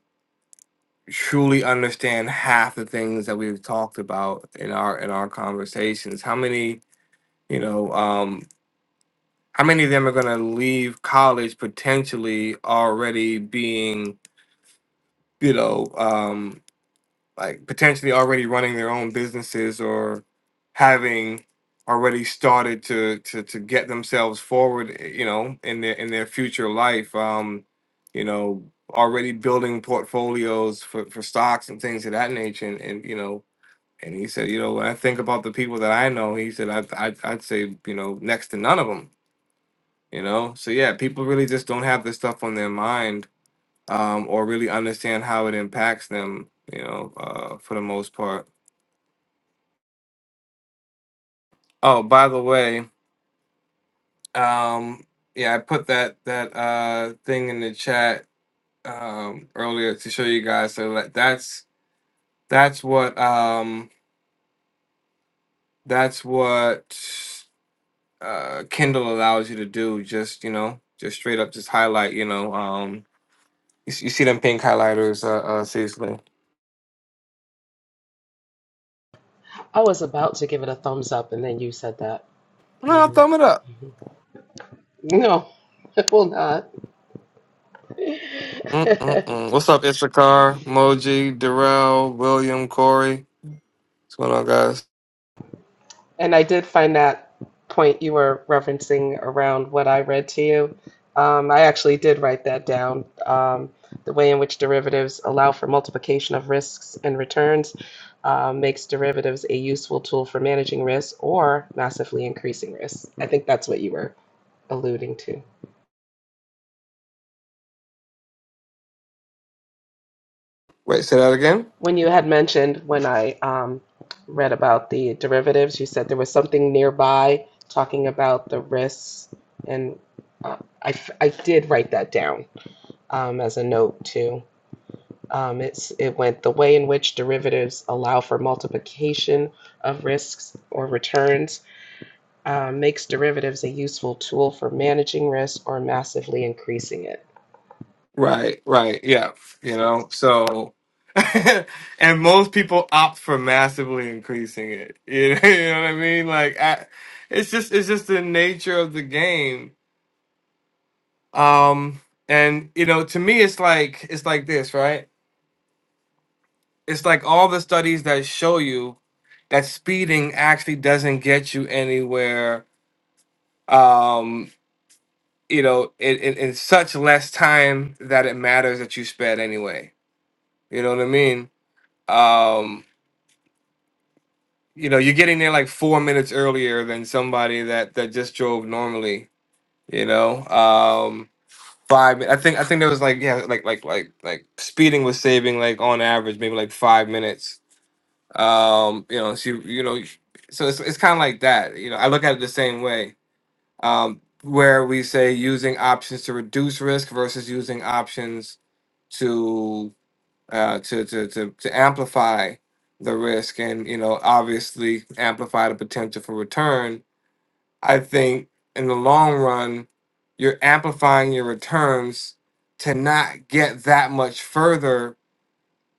Speaker 1: truly understand half the things that we've talked about in our in our conversations how many you know um. how many of them are going to leave college potentially already being you know um like potentially already running their own businesses or having already started to to to get themselves forward eh, you know in their in their future life um you know already building portfolios for for stocks and things of that nature and, and you know and he said you know when i think about the people that i know he said I, I i'd I'd- I'd say you know next to none of them you know so yeah people really just don't have this stuff on their mind um or really understand how it impacts them you know uh for the most part oh by the way um yeah i put that that uh thing in the chat um earlier to show you guys so that that's that's what um that's what uh kindle allows you to do just you know just straight up just highlight you know um you, s- you see them pink highlighters uh, uh seriously
Speaker 2: I was about to give it a thumbs up, and then you said that.
Speaker 1: no no,
Speaker 2: hmm
Speaker 1: thumb it up
Speaker 2: hmm No, <laughs> I will not. <laughs>
Speaker 1: Mm-mm-mm. What's up, Ishakar, Moji, Darrell, William, Corey? What's going on, guys?
Speaker 2: And I did find that point you were referencing around what I read to you. Um, I actually did write that down. Um, the way in which derivatives allow for multiplication of risks and returns uh, makes derivatives a useful tool for managing risk or massively increasing risk. I think that's what you were alluding to.
Speaker 1: Wait, say that again?
Speaker 2: When you had mentioned when I um, read about the derivatives, you said there was something nearby talking about the risks, and uh, I, f- I did write that down um, as a note too. Um, it's it went the way in which derivatives allow for multiplication of risks or returns um, makes derivatives a useful tool for managing risk or massively increasing it.
Speaker 1: Right, right, yeah. You know, so. <laughs> and most people opt for massively increasing it. You know, <laughs> you know what I mean? Like, I, it's just it's just the nature of the game. Um, and you know, to me, it's like it's like this, right? It's like all the studies that show you that speeding actually doesn't get you anywhere Um. you know, in, in, in such less time that it matters that you sped anyway. You know what I mean? Um, you know, you're getting there like four minutes earlier than somebody that that just drove normally. You know, um, five. mi- I think I think there was like yeah, like like like like speeding was saving like on average maybe like five minutes. Um, you know, so you, you know, so it's it's kind of like that. You know, I look at it the same way. Um, where we say using options to reduce risk versus using options to uh, to, to to to amplify the risk and you know obviously amplify the potential for return. I think in the long run, you're amplifying your returns to not get that much further,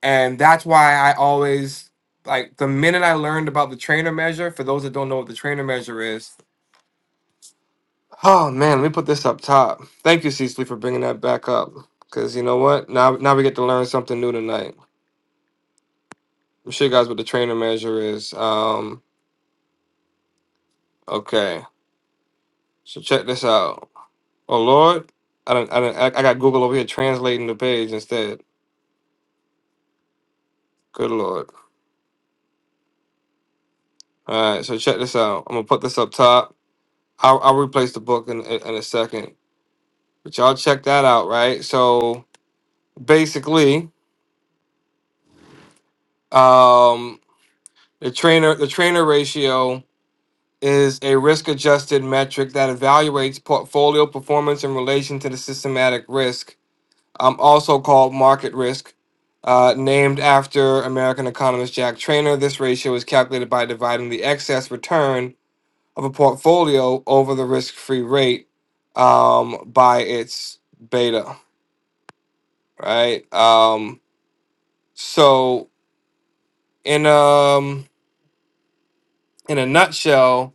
Speaker 1: and that's why I always like the minute I learned about the trainer measure. For those that don't know what the trainer measure is, oh man, let me put this up top. Thank you, Cecily, for bringing that back up. Cause you know what? Now, now we get to learn something new tonight. I'm sure you guys what the trainer measure is. Um, okay, so check this out. Oh Lord, I don't, I don't, I I got Google over here translating the page instead. Good Lord. All right, so check this out. I'm gonna put this up top. I'll, I'll replace the book in, in in a second, but y'all check that out, right? So basically, um, the trainer, the trainer ratio is a risk-adjusted metric that evaluates portfolio performance in relation to the systematic risk um, also called market risk, uh, named after American economist Jack Trainer. This ratio is calculated by dividing the excess return of a portfolio over the risk-free rate um, by its beta. Right. Um, so in um in a nutshell,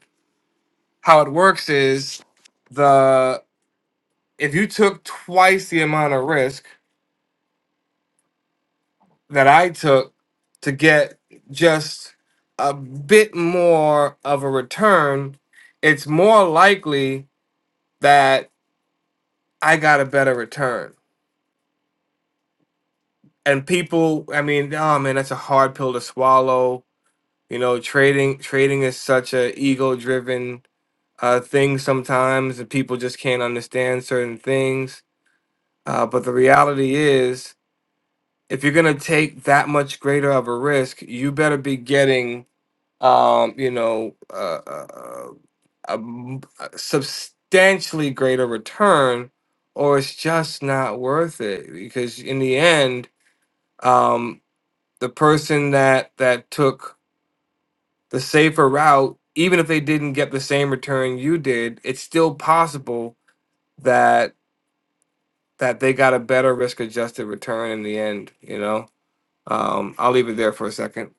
Speaker 1: how it works is the if you took twice the amount of risk that I took to get just a bit more of a return, it's more likely that I got a better return. And people, I mean, oh man, that's a hard pill to swallow. You know, trading trading is such a ego driven uh, thing sometimes, and people just can't understand certain things. Uh, but the reality is, if you're gonna take that much greater of a risk, you better be getting um, you know, uh, uh, uh, a, m- a substantially greater return, or it's just not worth it because in the end, um, the person that that took the safer route, even if they didn't get the same return you did, it's still possible that that they got a better risk-adjusted return in the end. You know, um, I'll leave it there for a second.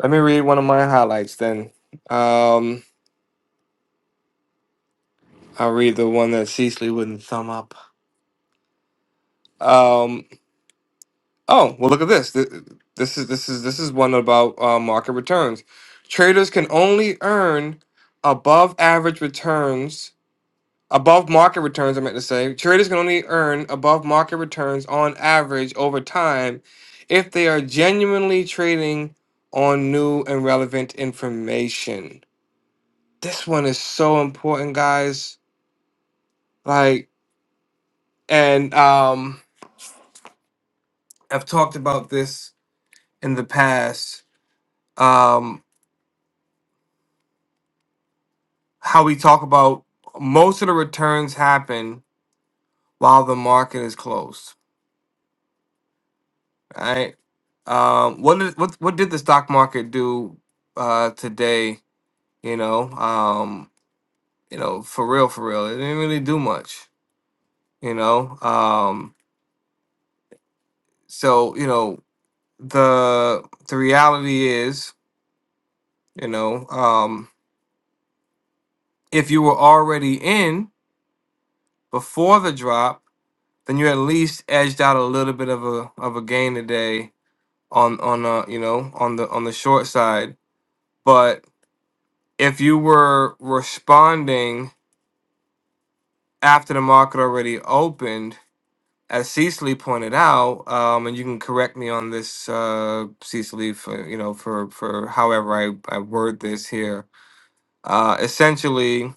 Speaker 1: Let me read one of my highlights then. Um, I'll read the one that Cecily wouldn't thumb up. Um, oh well, look at this. Th- This is this is this is one about uh, market returns. Traders can only earn above average returns, above market returns. I meant to say traders can only earn above market returns on average over time if they are genuinely trading on new and relevant information. This one is so important, guys. Like, and um, I've talked about this in the past um, how we talk about most of the returns happen while the market is closed, right? Um, what did what what did the stock market do uh, today? You know, um, you know, for real, for real, it didn't really do much. You know, um, so you know the the reality is, you know, um, if you were already in before the drop then you at least edged out a little bit of a of a gain today on on uh you know on the on the short side. But if you were responding after the market already opened, as Cecily pointed out, um, and you can correct me on this, uh, Cecily, for you know for for however I I word this here, uh, essentially.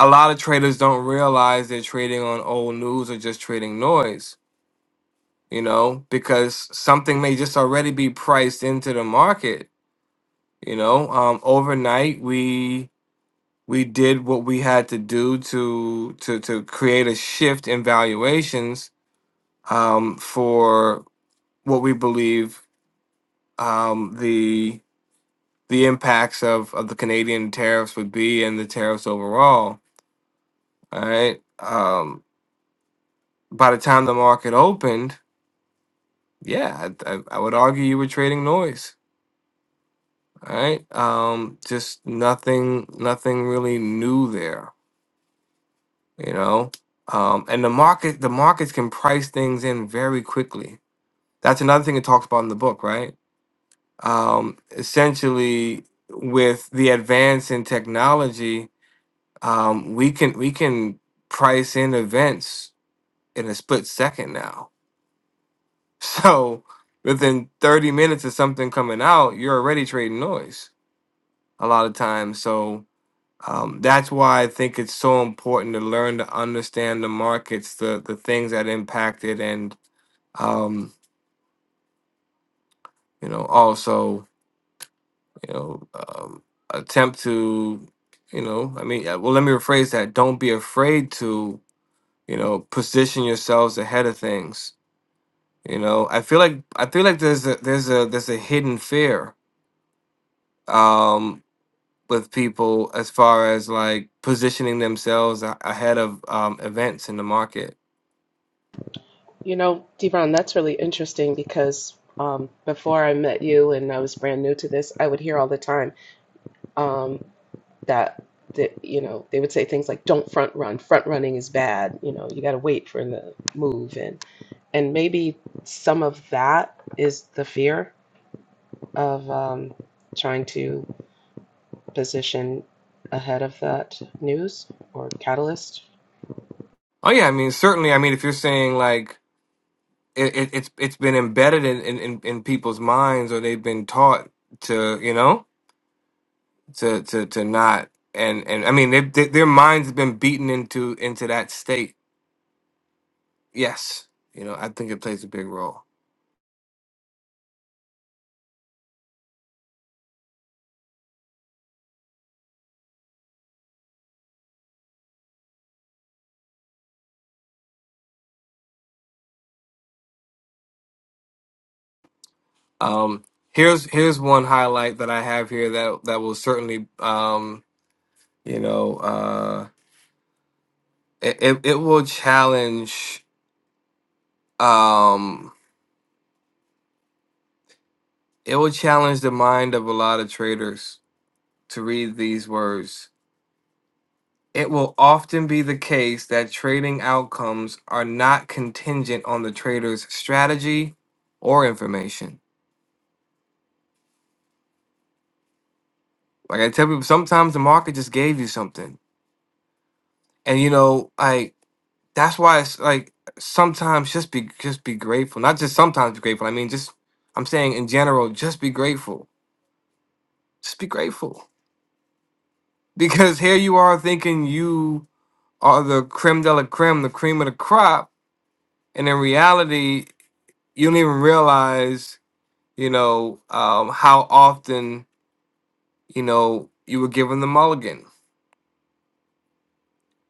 Speaker 1: A lot of traders don't realize they're trading on old news or just trading noise you know, because something may just already be priced into the market, you know. Um, overnight we we did what we had to do to to to create a shift in valuations um, for what we believe um, the the impacts of, of the Canadian tariffs would be and the tariffs overall. All right. Um, by the time the market opened, yeah, I, I, I would argue you were trading noise All right. Um, just nothing, nothing really new there, you know. Um, and the market, the markets can price things in very quickly. That's another thing it talks about in the book, right? Um, essentially, with the advance in technology, um, we can we can price in events in a split second now. <laughs> So within 30 minutes of something coming out, you're already trading noise a lot of times. So Um, that's why I think it's so important to learn to understand the markets, the the things that impact it, and um, you know, also you know, um, attempt to, you know, I mean, uh, well, let me rephrase that. Don't be afraid to, you know, position yourselves ahead of things. You know, I feel like I feel like there's a there's a there's a hidden fear um, with people as far as like positioning themselves a- ahead of um, events in the market
Speaker 2: You know, Devon, that's really interesting because um, before I met you and I was brand new to this, I would hear all the time um, that that you know they would say things like don't front run front running is bad you know you got to wait for the move and and maybe some of that is the fear of um, trying to position ahead of that news or catalyst
Speaker 1: Oh yeah, I mean certainly. I mean if you're saying like it, it, it's it's been embedded in, in in in people's minds or they've been taught to you know to to to not and and I mean they, they, their minds have been beaten into into that state. Yes, you know I think it plays a big role. Um, here's here's one highlight that I have here that that will certainly um you know uh it it, it will challenge um it will challenge the mind of a lot of traders to read these words. It will often be the case that trading outcomes are not contingent on the trader's strategy or information. Like I tell people, sometimes the market just gave you something, and you know, like that's why it's like sometimes just be just be grateful. Not just sometimes be grateful. I mean, just I'm saying in general, just be grateful. Just be grateful because here you are thinking you are the creme de la creme, the cream of the crop, and in reality you don't even realize, you know, um, how often, you know, you were given the mulligan.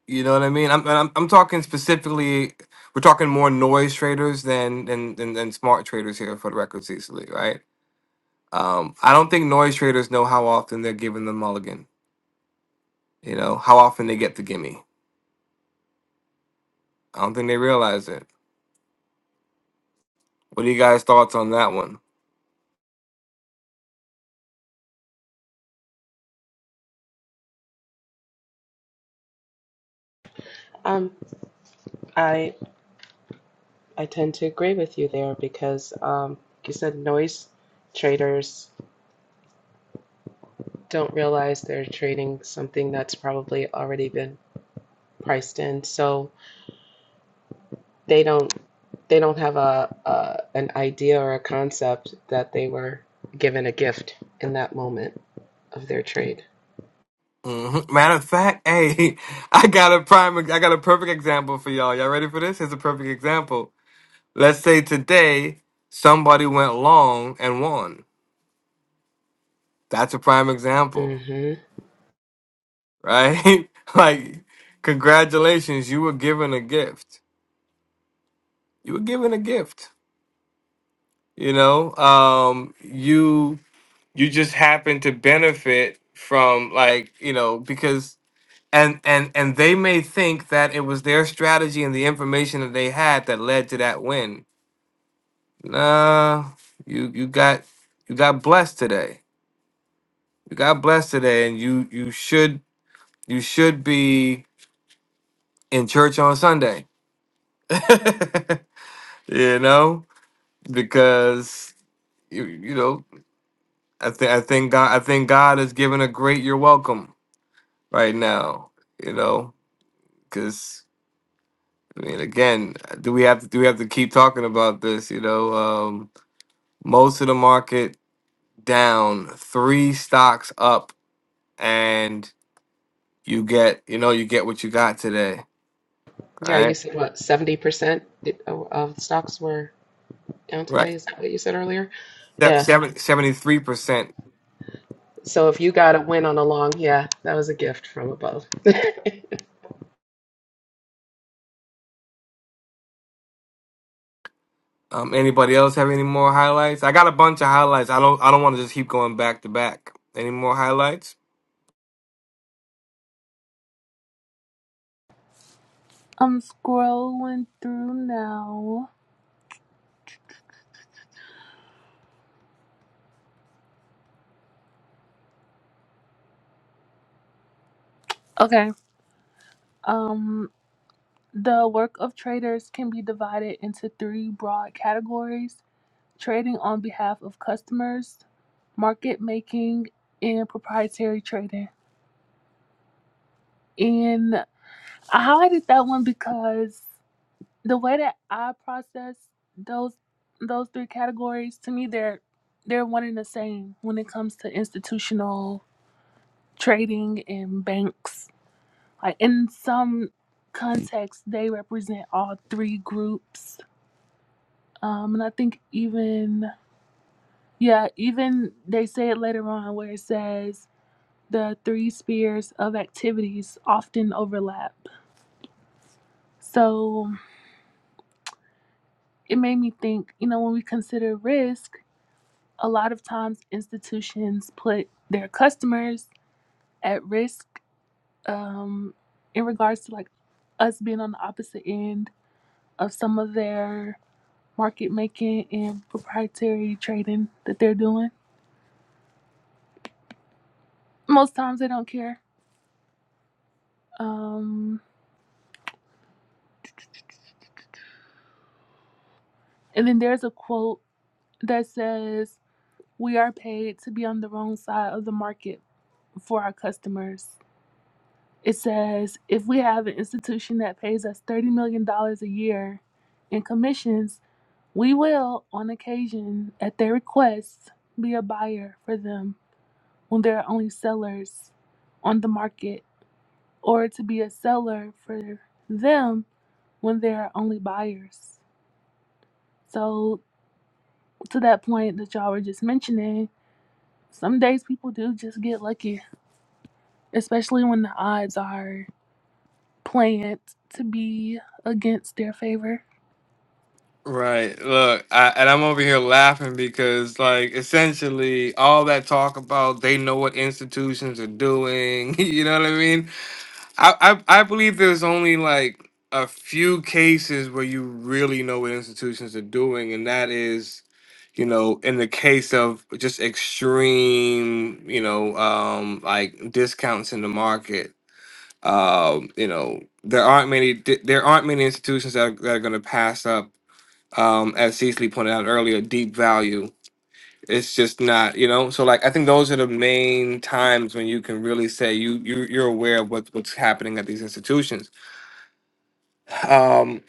Speaker 1: You know what I mean? I'm, I'm, I'm talking specifically, we're talking more noise traders than, than, than, than smart traders here for the record, Cecily, right? Um, I don't think noise traders know how often they're given the mulligan, you know, how often they get the gimme. I don't think they realize it. What are you guys' thoughts on that one?
Speaker 2: um, i i tend to agree with you there because um, like you said noise traders don't realize they're trading something that's probably already been priced in so they don't they don't have a, a an idea or a concept that they were given a gift in that moment of their trade.
Speaker 1: hmm Matter of fact, hey, <laughs> I got a prime, I got a perfect example for y'all. Y'all ready for this? Here's a perfect example Let's say today somebody went long and won. That's a prime example,
Speaker 2: hmm
Speaker 1: right? <laughs> like, congratulations, you were given a gift. You were given a gift. You know, um, you you just happen to benefit from like you know because and and and they may think that it was their strategy and the information that they had that led to that win. Nah, you you got you got blessed today You got blessed today, and you you should you should be in church on Sunday. <laughs> you know, because you you know I think I think God I think God is giving a great you're welcome right now. You know, because I mean again, do we have to do we have to keep talking about this? You know, um, most of the market down, three stocks up, and you get you know you get what you got today.
Speaker 2: Yeah, you
Speaker 1: Right,
Speaker 2: said what seventy percent of stocks were down
Speaker 1: right.
Speaker 2: today. Is that what you said earlier? Yeah.
Speaker 1: 73 percent.
Speaker 2: So if you got a win on a long, yeah, that was a gift from above. <laughs>
Speaker 1: Um, anybody else have any more highlights? I got a bunch of highlights. I don't. I don't want to just keep going back to back. Any more highlights?
Speaker 9: i'm scrolling through now okay um the work of traders can be divided into three broad categories trading on behalf of customers, market making, and proprietary trading. And I highlighted that one because the way that I process those those three categories, to me they're they're one and the same when it comes to institutional trading and banks. Like in some contexts, they represent all three groups. Um, and I think even yeah, even they say it later on where it says the three spheres of activities often overlap. So it made me think, you know, when we consider risk, a lot of times institutions put their customers at risk um, in regards to like us being on the opposite end of some of their market making and proprietary trading that they're doing. Most times they don't care. Um, and then there's a quote that says, we are paid to be on the wrong side of the market for our customers. It says if we have an institution that pays us $30 million dollars a year in commissions, we will, on occasion, at their request, be a buyer for them when there are only sellers on the market, or to be a seller for them when there are only buyers. So, to that point that y'all were just mentioning, some days people do just get lucky, especially when the odds are planned to be against their favor.
Speaker 1: Right. Look, I, and I'm over here laughing because, like, essentially, all that talk about they know what institutions are doing. <laughs> You know what I mean? I, I I believe there's only like a few cases where you really know what institutions are doing, and that is, you know, in the case of just extreme, you know, um, like discounts in the market. Um, you know, there aren't many there aren't many institutions that are, that are going to pass up, um, as Cecily pointed out earlier, deep value it's just not you know so like i think those are the main times when you can really say you, you you're aware of what, what's happening at these institutions um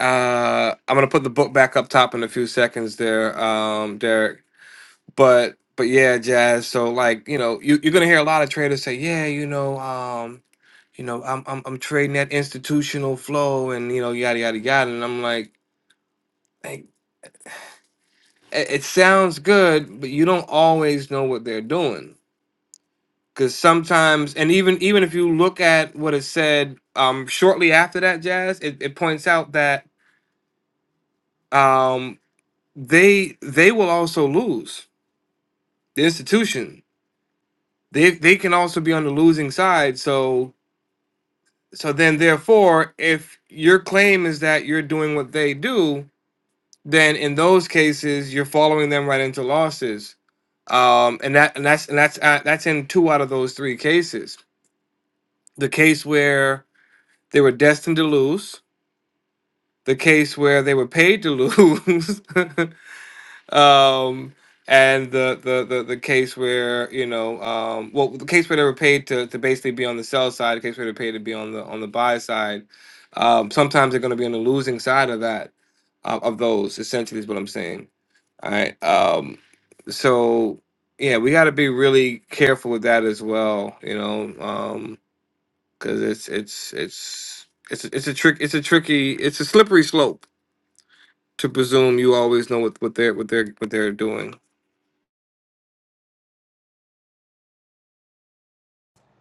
Speaker 1: uh i'm gonna put the book back up top in a few seconds there um derek but but yeah jazz so like you know you, you're gonna hear a lot of traders say yeah you know um you know i'm i'm, I'm trading that institutional flow and you know yada yada yada and i'm like hey, it it sounds good but you don't always know what they're doing because sometimes and even even if you look at what it said um shortly after that jazz it, it points out that um they they will also lose the institution they they can also be on the losing side so so then therefore if your claim is that you're doing what they do then in those cases you're following them right into losses um and that and that's and that's uh, that's in two out of those three cases the case where they were destined to lose the case where they were paid to lose, <laughs> um, and the, the the the case where you know, um, well, the case where they were paid to to basically be on the sell side, the case where they're paid to be on the on the buy side. Um, sometimes they're going to be on the losing side of that uh, of those. Essentially, is what I'm saying. All right. Um, so yeah, we got to be really careful with that as well. You know, um, because it's it's it's. It's, a- it's a trick. It's a tricky. It's a slippery slope to presume you always know what, what they're what they're what they're doing.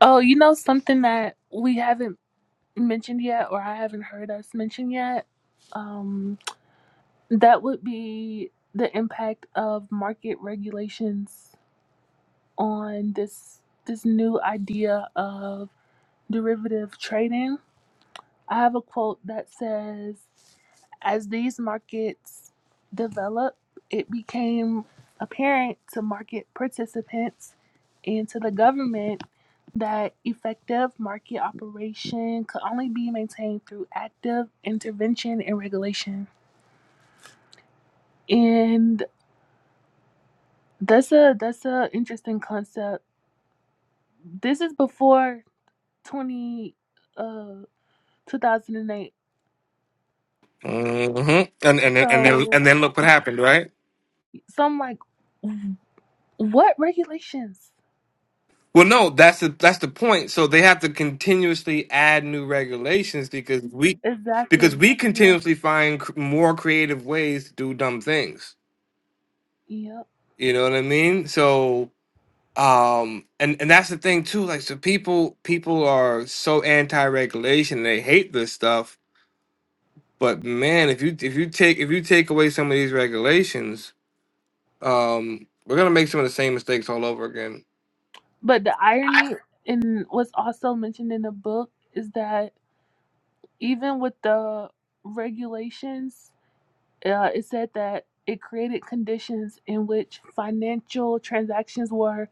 Speaker 9: Oh, you know something that we haven't mentioned yet, or I haven't heard us mention yet. Um, that would be the impact of market regulations on this this new idea of derivative trading. I have a quote that says. As these markets developed, it became apparent to market participants and to the government that effective market operation could only be maintained through active intervention and regulation. And that's a that's a interesting concept. This is before 20 uh 2008.
Speaker 1: hmm And and then- and then and
Speaker 9: So
Speaker 1: then look what happened, right?
Speaker 9: so I'm like what regulations?
Speaker 1: Well, no, that's the that's the point. So they have to continuously add new regulations because we
Speaker 9: Exactly.
Speaker 1: because we
Speaker 9: Yeah.
Speaker 1: continuously find cr- more creative ways to do dumb things.
Speaker 9: Yeah.
Speaker 1: You know what I mean? So um and and that's the thing too like so people people are so anti-regulation they hate this stuff but man if you if you take if you take away some of these regulations Um, we're gonna make some of the same mistakes all over again.
Speaker 9: But the irony in what's also mentioned in the book is that even with the regulations, uh, it said that it created conditions in which financial transactions were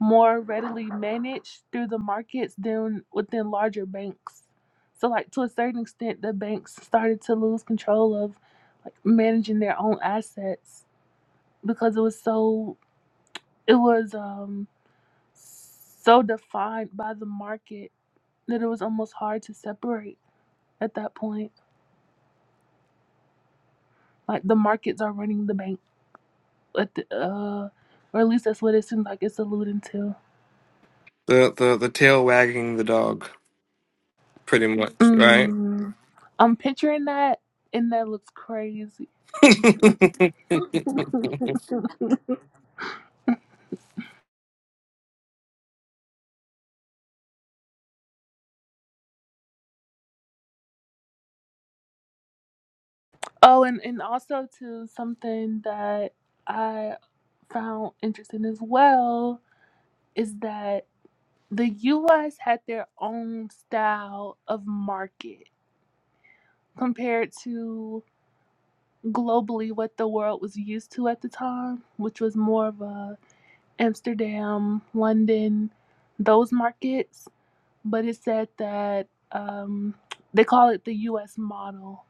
Speaker 9: more readily managed through the markets than within larger banks. So, like to a certain extent, the banks started to lose control of like managing their own assets because it was so it was um so defined by the market that it was almost hard to separate at that point. Like the markets are running the bank, at the, uh, or at least that's what it seems like it's alluding to.
Speaker 1: The the the tail wagging the dog, pretty much, right?
Speaker 9: Mm, I'm picturing that, and that looks crazy.
Speaker 1: <laughs>
Speaker 9: Oh, and and also too something that I found interesting as well is that the U.S. had their own style of market compared to globally what the world was used to at the time, which was more of a Amsterdam, London, those markets. But it said that um, they call it the U.S. model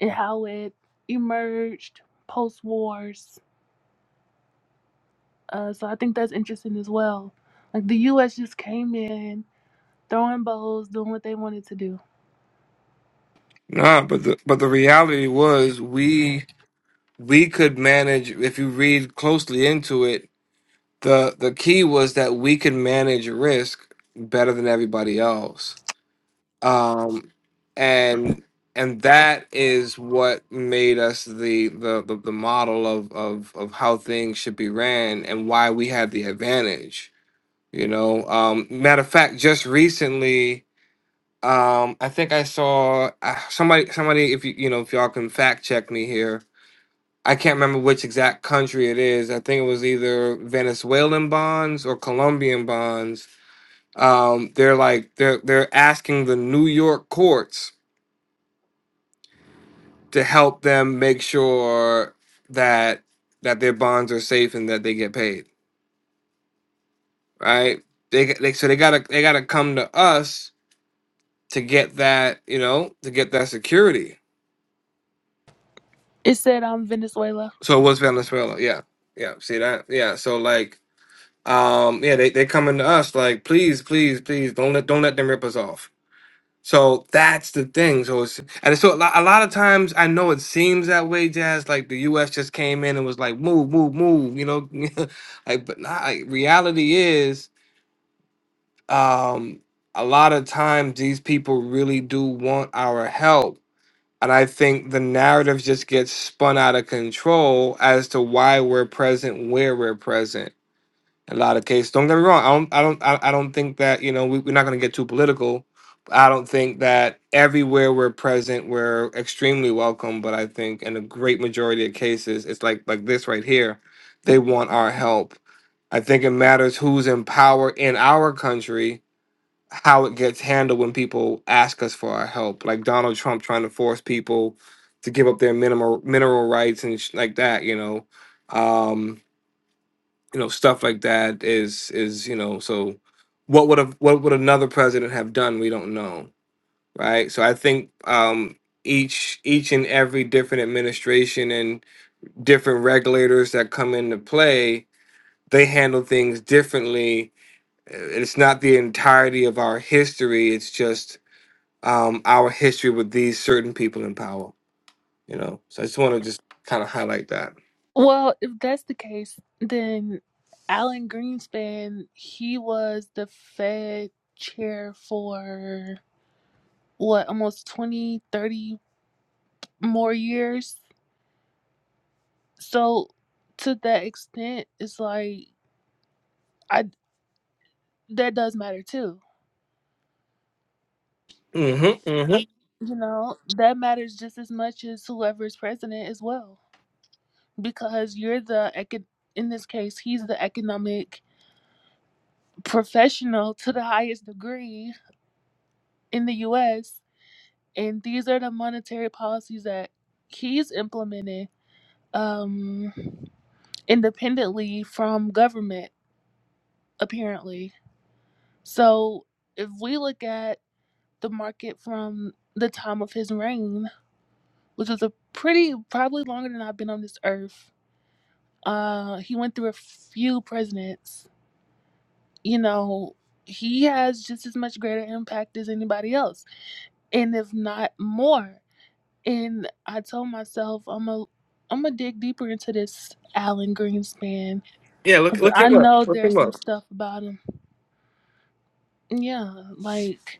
Speaker 9: and how it emerged post wars. Uh, so I think that's interesting as well. Like the U.S. just came in, throwing bows, doing what they wanted to do.
Speaker 1: nah, but the but the reality was we we could manage if you read closely into it. The the key was that we could manage risk better than everybody else um, and and that is what made us the the, the, the model of, of of how things should be ran and why we had the advantage you know um, matter of fact just recently um, I think I saw uh, somebody somebody if you you know if y'all can fact check me here I can't remember which exact country it is I think it was either Venezuelan bonds or Colombian bonds um, they're like they're they're asking the New York courts to help them make sure that that their bonds are safe and that they get paid, right? They, they so they gotta they gotta come to us to get that you know to get that security.
Speaker 9: It said um, Venezuela.
Speaker 1: So it was Venezuela, yeah, yeah. See that, yeah. So like, um, yeah, they they coming to us like, please, please, please, don't let don't let them rip us off So that's the thing. So it's and so a lot, a lot of times I know it seems that way, Jazz. Like the U.S. just came in and was like, move, move, move. You know, <laughs> like but not. Like, reality is, um, a lot of times these people really do want our help, and I think the narrative just gets spun out of control as to why we're present where we're present a lot of cases. Don't get me wrong. I don't. I don't. I, I don't think that you know we, we're not going to get too political. I don't think that everywhere we're present we're extremely welcome. But I think in a great majority of cases, it's like like this right here. They want our help. I think it matters who's in power in our country, how it gets handled when people ask us for our help. Like Donald Trump trying to force people to give up their minimal mineral rights and sh- like that. You know. Um, you know stuff like that is is you know so what would have what would another president have done we don't know right so i think um each each and every different administration and different regulators that come into play they handle things differently Uh, it's not the entirety of our history it's just um our history with these certain people in power you know so i just want to just kind of highlight that
Speaker 9: Well, if that's the case, then Alan Greenspan, he was the Fed chair for what almost 20, 30 more years so to that extent it's like i that does matter too
Speaker 1: hmm hmm
Speaker 9: you know that matters just as much as whoever is president as well because you're the eco- in this case he's the economic professional to the highest degree in the us and these are the monetary policies that he's implementing um independently from government apparently So if we look at the market from the time of his reign, which is a pretty probably longer than I've been on this earth, uh, he went through a few presidents. You know, he has just as much greater impact as anybody else, and if not more. And I told myself I'm a I'm gonna dig deeper into this Alan Greenspan
Speaker 1: yeah look
Speaker 9: because
Speaker 1: look
Speaker 9: I
Speaker 1: him up
Speaker 9: know
Speaker 1: look
Speaker 9: there's
Speaker 1: him up
Speaker 9: some stuff about him. Yeah, like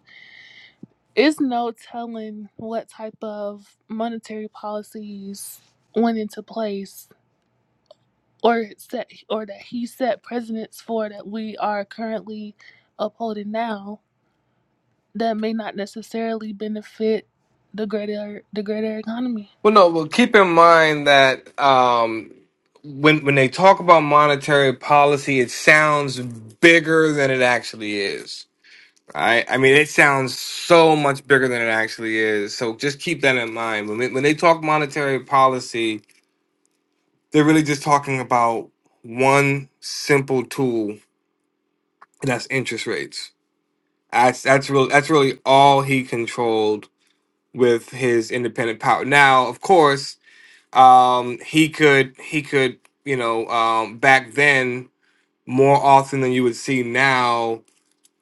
Speaker 9: It's no telling what type of monetary policies went into place or set or that he set precedents for that we are currently upholding now that may not necessarily benefit the greater the greater economy.
Speaker 1: Well, no. Well, keep in mind that um, when when they talk about monetary policy, it sounds bigger than it actually is. Right? I mean, it sounds so much bigger than it actually is. So just keep that in mind. When they, when they talk monetary policy, they're really just talking about one simple tool, and that's interest rates. That's that's real. That's really all he controlled with his independent power. Now, of course um, he could he could you know um, back then more often than you would see now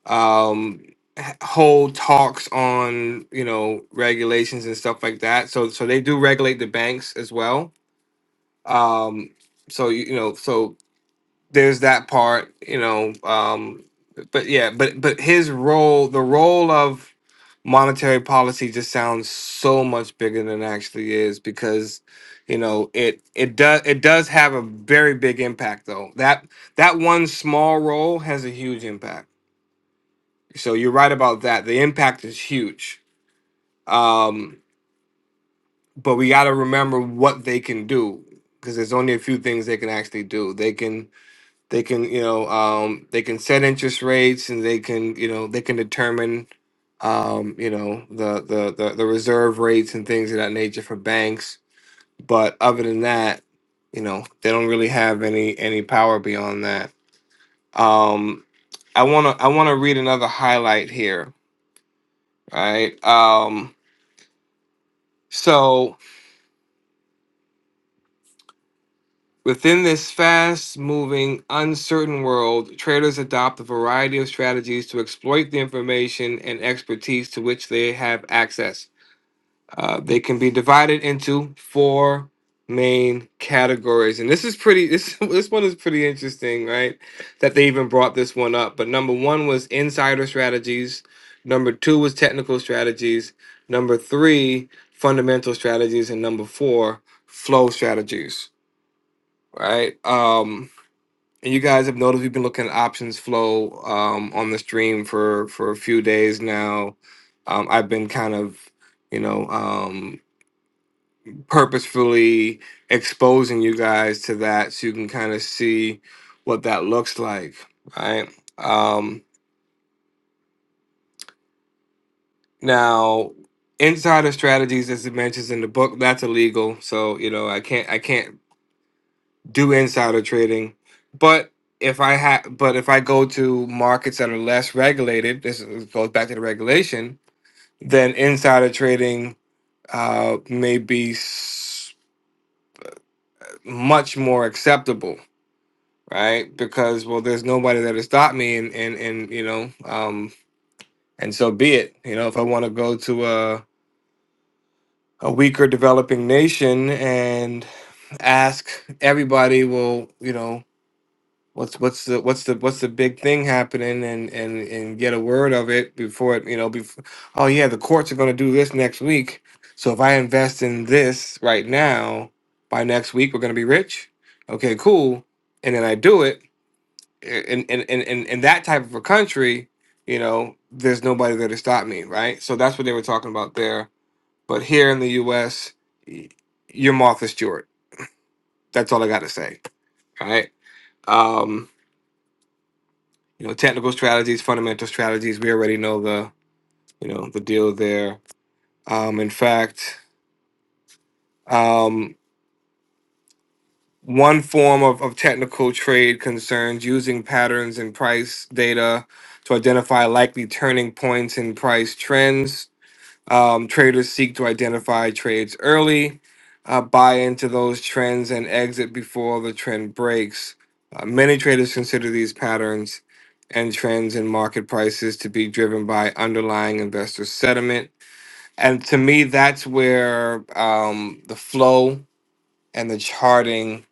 Speaker 1: um, hold talks on you know regulations and stuff like that. So so they do regulate the banks as well. Um, so you, you know so there's that part, you know. Um, but yeah, but but his role, the role of monetary policy, just sounds so much bigger than it actually is because you know it it does it does have a very big impact though. That that one small role has a huge impact. So you're right about that. The impact is huge. Um, but we got to remember what they can do because there's only a few things they can actually do. They can They can, you know, um, they can set interest rates, and they can, you know, they can determine, um, you know, the, the the the reserve rates and things of that nature for banks. But other than that, you know, they don't really have any any power beyond that. Um, I wanna I wanna read another highlight here, right? Um, so Within this fast moving, uncertain world, traders adopt a variety of strategies to exploit the information and expertise to which they have access. Uh, they can be divided into four main categories. And this is pretty, this, <laughs> this one is pretty interesting, right? That they even brought this one up. But number one was insider strategies, number two was technical strategies, number three, fundamental strategies, and number four, flow strategies right? Um, and you guys have noticed we've been looking at options flow um, on the stream for for a few days now. Um, I've been kind of, you know, um, purposefully exposing you guys to that so you can kind of see what that looks like, right? Um, now, insider strategies, as it mentions in the book, that's illegal. So you know, I can't I can't do insider trading. But if I ha- but if I go to markets that are less regulated, this is- goes back to the regulation, then insider trading uh, may be s- much more acceptable, right? Because well, there's nobody there to stop me, and and and you know, um, and so be it. You know, if I want to go to a a weaker developing nation and ask everybody, well, you know. what's what's the what's the what's the big thing happening and and and get a word of it before it you know before oh yeah the courts are going to do this next week so if i invest in this right now by next week we're going to be rich okay cool and then i do it in in in in, in that type of a country you know there's nobody there to stop me right so that's what they were talking about there but here in the us you're martha stewart that's all i got to say all right Um, You know, technical strategies, fundamental strategies. We already know the you know the deal there. Um, in fact, um, one form of, of technical trade concerns using patterns in price data to identify likely turning points in price trends Um, traders seek to identify trades early, uh, buy into those trends, and exit before the trend breaks. Uh, many traders consider these patterns and trends in market prices to be driven by underlying investor sentiment. And to me, that's where um, the flow and the charting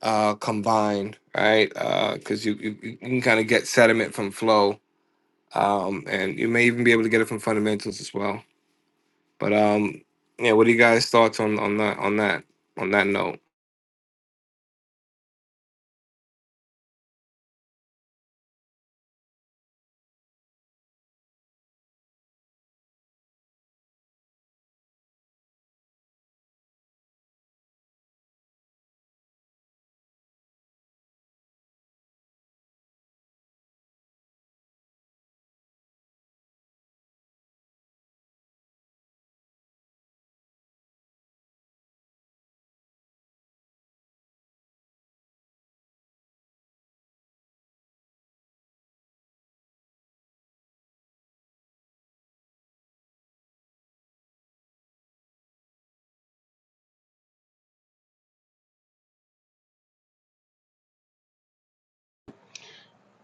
Speaker 1: uh, combined, right? Because you, you, you can kind of get sediment from flow, um, and you may even be able to get it from fundamentals as well. But um, yeah, what do you guys' thoughts on on that on that on that note?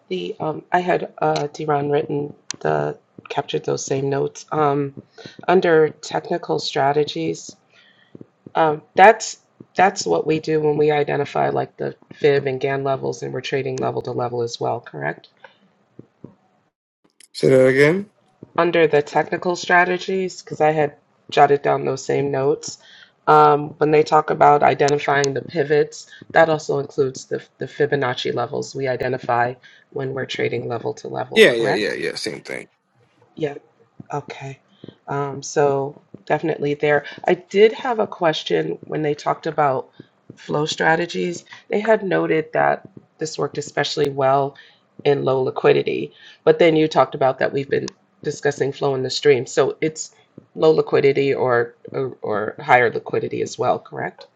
Speaker 2: the um, I had uh, Diron written the captured those same notes um, under technical strategies. Um, that's that's what we do when we identify like the fib and GAN levels and we're trading level to level as well, correct?
Speaker 1: Say that again.
Speaker 2: Under the technical strategies, because I had jotted down those same notes, um, when they talk about identifying the pivots, that also includes the, the Fibonacci levels we identify when we're trading level to level,
Speaker 1: Yeah, yeah, yeah,
Speaker 2: correct?
Speaker 1: yeah. Same thing.
Speaker 2: Yes. Okay. Um, so definitely there. I did have a question when they talked about flow strategies. They had noted that this worked especially well in low liquidity, but then you talked about that we've been discussing flow in the stream. So it's low liquidity or or, or higher liquidity as well, correct?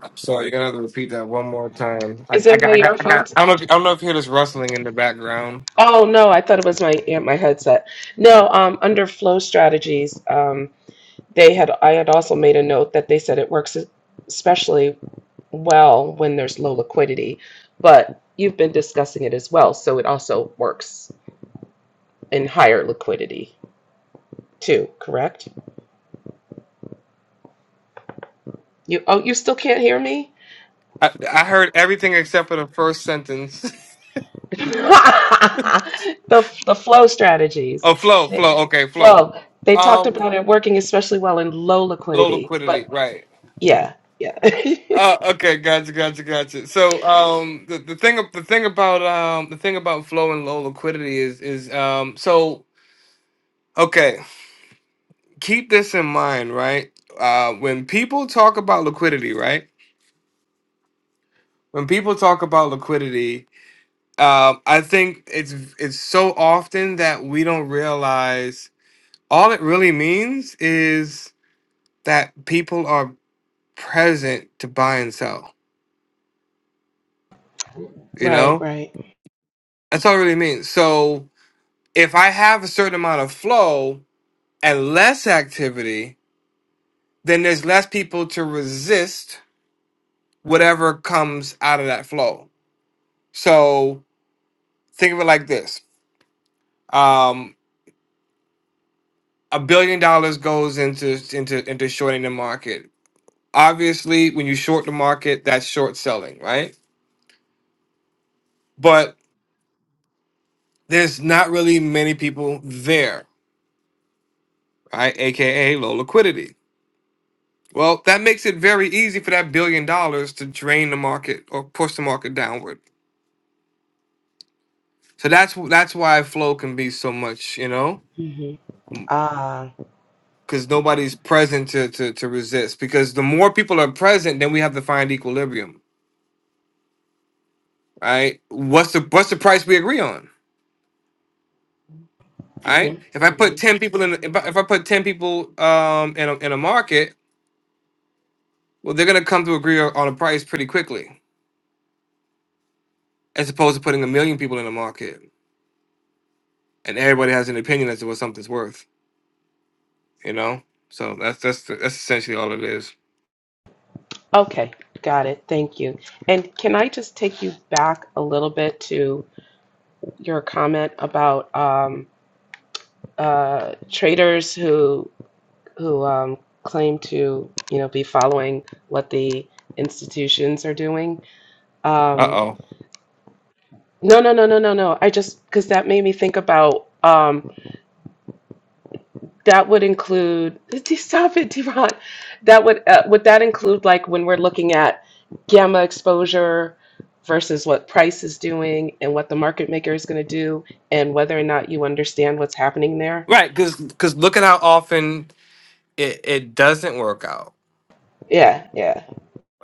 Speaker 1: I'm sorry, you're gonna have to repeat that one more time. I,
Speaker 2: Is
Speaker 1: I
Speaker 2: it my
Speaker 1: got, I got, I got.
Speaker 2: earphones?
Speaker 1: I don't know. If, I don't know if you hear this rustling in the background.
Speaker 2: Oh no, I thought it was my yeah, my headset. No, um, under flow strategies, um, they had I had also made a note that they said it works e, especially well when there's low liquidity, but you've been discussing it as well, so it also works in higher liquidity too, correct? You oh you still can't hear me?
Speaker 1: I, I heard everything except for the first sentence.
Speaker 2: <laughs> the the flow
Speaker 1: <laughs>
Speaker 2: strategies.
Speaker 1: oh, flow,
Speaker 2: They,
Speaker 1: flow. Okay, flow.
Speaker 2: flow. They talked
Speaker 1: Um,
Speaker 2: about it working especially well in low
Speaker 1: low
Speaker 2: liquidity,
Speaker 1: liquidity.
Speaker 2: but
Speaker 1: Right.
Speaker 2: yeah, yeah. <laughs>
Speaker 1: Uh, okay, gotcha, gotcha, gotcha. So, um, the, the thing, the thing about, um, the thing about flow and low liquidity is, is, um, so, okay. keep this in mind, right? Uh, when people talk about liquidity, right? When people talk about liquidity, uh, I think it's it's so often that we don't realize all it really means is that people are present to buy and sell. You
Speaker 2: right,
Speaker 1: know,
Speaker 2: right.
Speaker 1: that's all it really means. So if I have a certain amount of flow and less activity, then there's less people to resist whatever comes out of that flow. So think of it like this: um, a billion dollars goes into into into shorting the market. Obviously, when you short the market, that's short selling, right? But there's not really many people there, right? AKA low liquidity. Well, that makes it very easy for that billion dollars to drain the market or push the market downward. So that's wh- that's why flow can be so much, you know,
Speaker 2: Mhm. Ah.
Speaker 1: because nobody's present to, to to resist. Because the more people are present, then we have to find equilibrium All right. What's the what's the price we agree on? All right.
Speaker 2: Mhm.
Speaker 1: If I put ten people in, if I, if I put ten people um in a, in a market, well, they're gonna come to agree on on a price pretty quickly, as opposed to putting a million people in a market and everybody has an opinion as to what something's worth. You know. So that's that's that's essentially all it is.
Speaker 2: Okay, got it. Thank you. And can I just take you back a little bit to your comment about um, uh, traders who who um, claim to you know be following what the institutions are doing?
Speaker 1: Uh
Speaker 2: Um,
Speaker 1: oh.
Speaker 2: no, no, no, no, no, no. I just because that made me think about. Um, That would include, <laughs> stop it, Devon. That would uh, would that include like when we're looking at gamma exposure versus what price is doing and what the market maker is going to do and whether or not you understand what's happening there?
Speaker 1: Right. Because because look at how often it it doesn't work out.
Speaker 2: Yeah, yeah.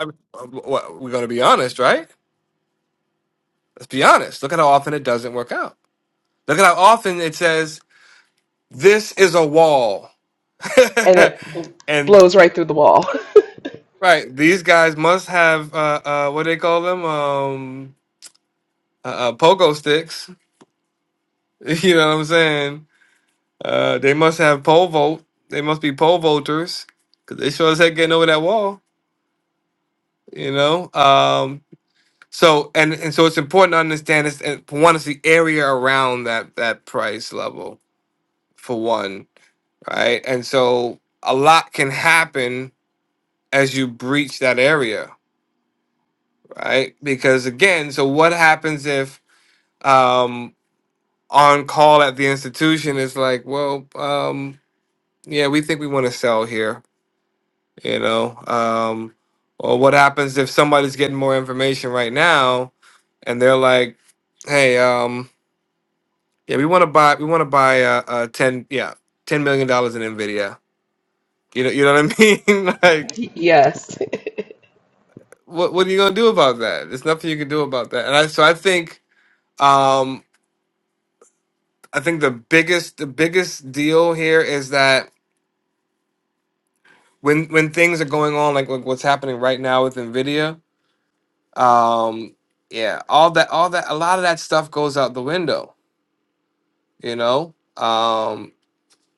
Speaker 1: I mean, uh, what, we're gonna be honest, right? Let's be honest. Look at how often it doesn't work out. Look at how often it says this is a wall.
Speaker 2: And it
Speaker 1: <laughs> and
Speaker 2: blows right through the wall.
Speaker 1: right, these guys must have uh, uh, what do they call them? Um, uh, uh, pogo sticks. <laughs> You know what I'm saying? Uh, they must have pole vote. They must be pole voters because they sure as heck getting over that wall. You know. Um, so and and so it's important to understand this. And for one, it's the area around that that price level for one, right? And so a lot can happen as you breach that area right? Because again, so what happens if um, on call at the institution is like, well, um, yeah, we think we want to sell here, you know? Um, or what happens if somebody's getting more information right now and they're like, hey, um, yeah, we want to buy, we want to buy uh, uh, ten, yeah, ten million dollars in Nvidia. You know, you know what I mean? <laughs> like,
Speaker 2: <laughs> yes.
Speaker 1: what what are you gonna do about that? There's nothing you can do about that. And I, so I think. Um, I think the biggest the biggest deal here is that when when things are going on like, like what's happening right now with Nvidia, um, yeah, all that all that a lot of that stuff goes out the window, you know. Um,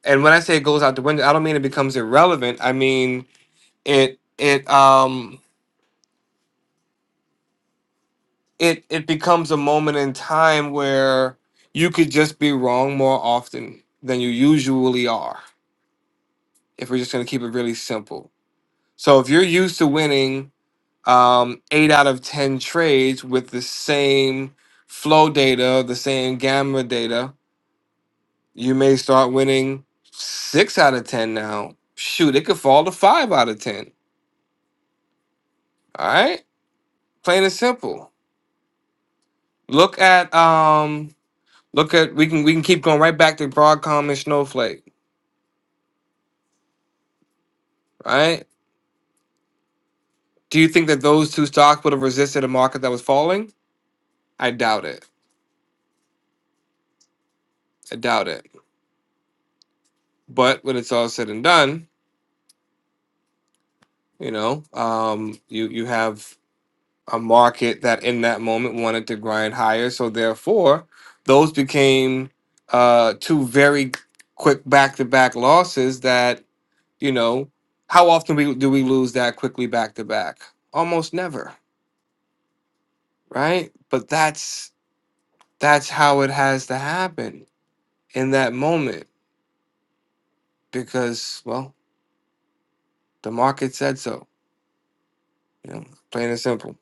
Speaker 1: and when I say it goes out the window, I don't mean it becomes irrelevant. I mean it it um it it becomes a moment in time where you could just be wrong more often than you usually are. If we're just gonna keep it really simple, so if you're used to winning um, eight out of 10 trades with the same flow data, the same gamma data, you may start winning six out of 10 now. Shoot, it could fall to five out of 10. All right. Plain and simple. Look at, um, look at, we can, we can keep going right back to Broadcom and Snowflake. Right. Do you think that those two stocks would have resisted a market that was falling? I doubt it. I doubt it. But when it's all said and done, you know, um, you you have a market that in that moment wanted to grind higher. So therefore, those became uh, two very quick back-to-back losses. That you know, how often we do we lose that quickly back-to-back? Almost never, right? But that's that's how it has to happen in that moment because well, the market said so. You know, plain and simple.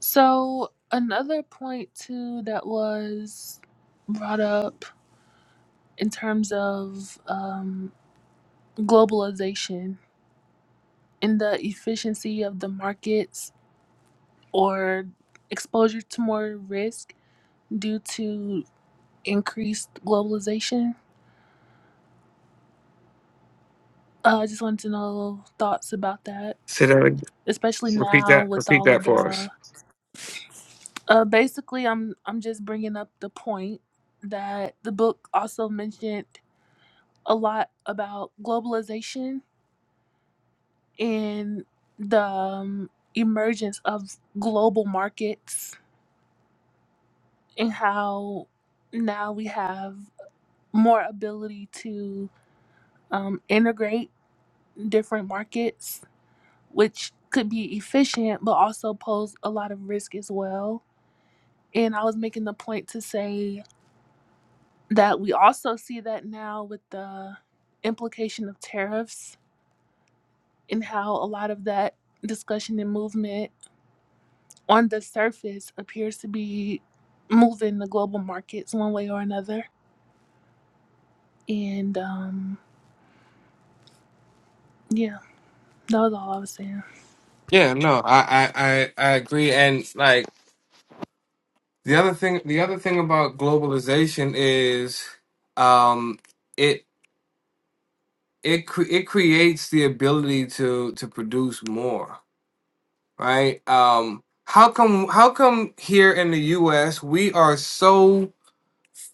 Speaker 9: So another point too that was brought up in terms of um, globalization and the efficiency of the markets or exposure to more risk due to increased globalization. Uh, I just wanted to know thoughts about that,
Speaker 1: Say that. ag-
Speaker 9: especially
Speaker 1: Repeat
Speaker 9: now
Speaker 1: that.
Speaker 9: with
Speaker 1: Repeat
Speaker 9: all of
Speaker 1: that for us.
Speaker 9: the. Uh, basically, I'm I'm just bringing up the point that the book also mentioned a lot about globalization and the um, emergence of global markets and how now we have more ability to um, integrate different markets, which could be efficient but also pose a lot of risk as well. And I was making the point to say that we also see that now with the implication of tariffs and how a lot of that discussion and movement on the surface appears to be moving the global markets one way or another. And um, yeah, that was all I was saying.
Speaker 1: Yeah, no, I I I, I agree, and like. The other thing, the other thing about globalization is, um, it it cre- it creates the ability to to produce more, right? Um, how come how come here in the U.S. we are so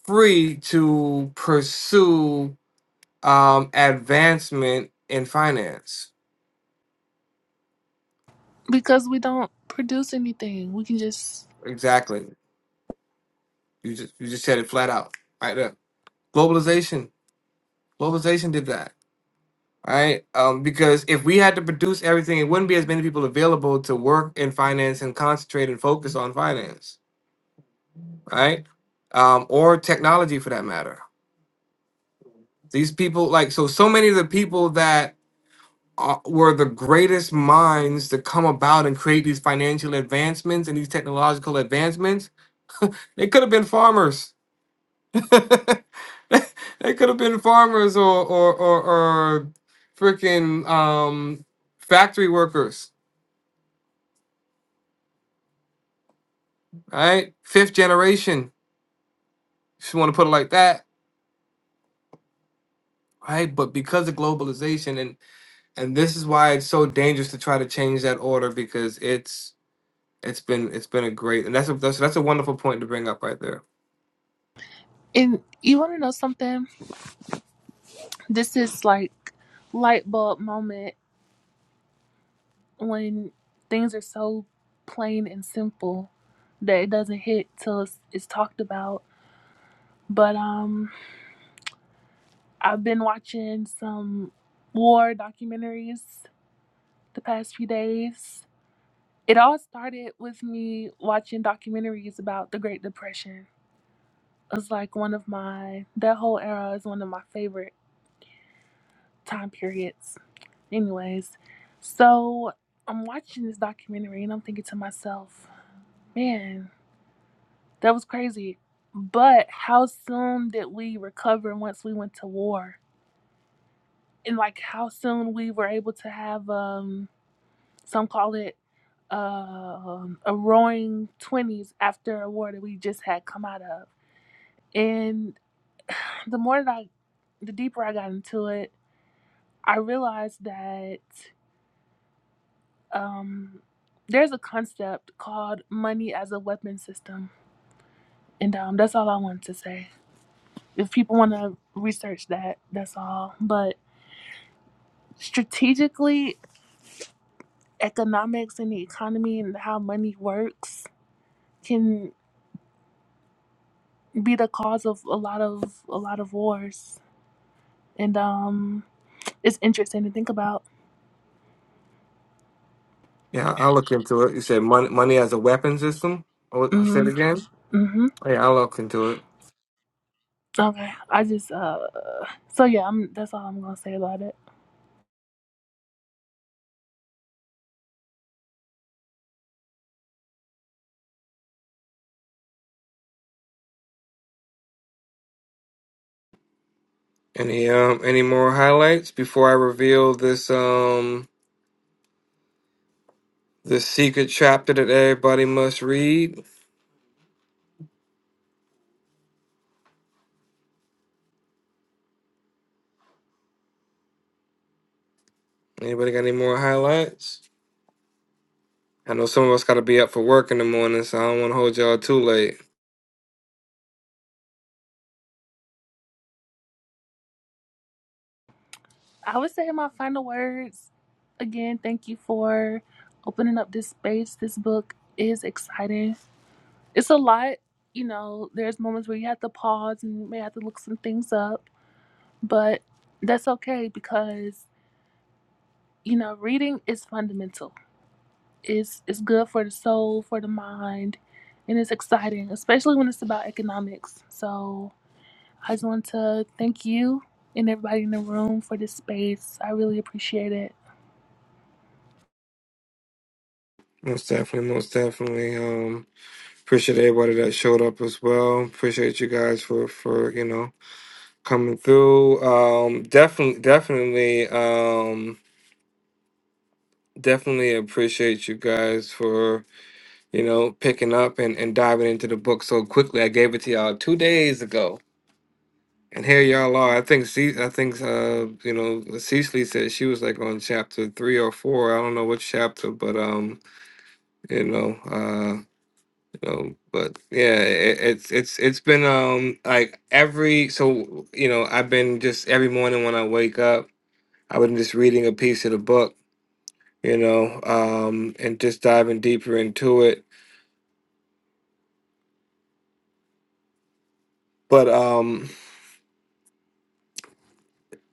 Speaker 1: free to pursue um, advancement in finance?
Speaker 9: Because we don't produce anything, we can just.
Speaker 1: Exactly. You just you just said it flat out right there. Globalization. Globalization did that right? Um, because if we had to produce everything, it wouldn't be as many people available to work in finance and concentrate and focus on finance, right? Um, or technology for that matter. These people, like, so, so many of the people that are, were the greatest minds to come about and create these financial advancements and these technological advancements, they could have been farmers. <laughs> they could have been farmers or, or, or, or freaking um, factory workers right? Fifth generation, if you want to put it like that, right? But because of globalization, and and this is why it's so dangerous to try to change that order because it's it's been it's been a great and that's a that's, that's a wonderful point to bring up right there.
Speaker 9: And you want to know something? This is like light bulb moment when things are so plain and simple that it doesn't hit till it's, it's talked about. But um, I've been watching some war documentaries the past few days. It all started with me watching documentaries about the Great Depression. It's like one of my that whole era is one of my favorite time periods. Anyways, so I'm watching this documentary and I'm thinking to myself, man, that was crazy. But how soon did we recover once we went to war? And like how soon we were able to have um some call it um a roaring 20s after a war that we just had come out of. And the more that I, the deeper I got into it, I realized that um there's a concept called money as a weapon system and um that's all i wanted to say if people want to research that that's all but strategically economics and the economy and how money works can be the cause of a lot of a lot of wars and um it's interesting to think about
Speaker 1: Yeah, I- I'll look into it. You said money money as a weapon system. Oh, I said
Speaker 9: mm-hmm
Speaker 1: again.
Speaker 9: Mm-hmm.
Speaker 1: Yeah, I'll look into it.
Speaker 9: okay i just uh so yeah i'm that's all i'm gonna say about it
Speaker 1: Any um any more highlights before I reveal this um this secret chapter that everybody must read? Anybody got any more highlights? I know some of us got to be up for work in the morning, so I don't want to hold y'all too late.
Speaker 9: I would say in my final words again, thank you for opening up this space. This book is exciting. It's a lot, you know, there's moments where you have to pause and you may have to look some things up, but that's okay because, you know, reading is fundamental. It's it's good for the soul, for the mind, and it's exciting, especially when it's about economics. So I just want to thank you and everybody in the room for this space. I really appreciate it.
Speaker 1: Most definitely, most definitely. Um, appreciate everybody that showed up as well. Appreciate you guys for for you know coming through. Um, definitely, definitely, um, definitely appreciate you guys for you know picking up and and diving into the book so quickly. I gave it to y'all two days ago. And here y'all are. I think Ce- I think uh you know Cecily said she was like on chapter three or four. I don't know which chapter, but um you know uh you know but yeah it, it's it's it's been um like every so you know i've been just every morning when i wake up i've been just reading a piece of the book you know um and just diving deeper into it but um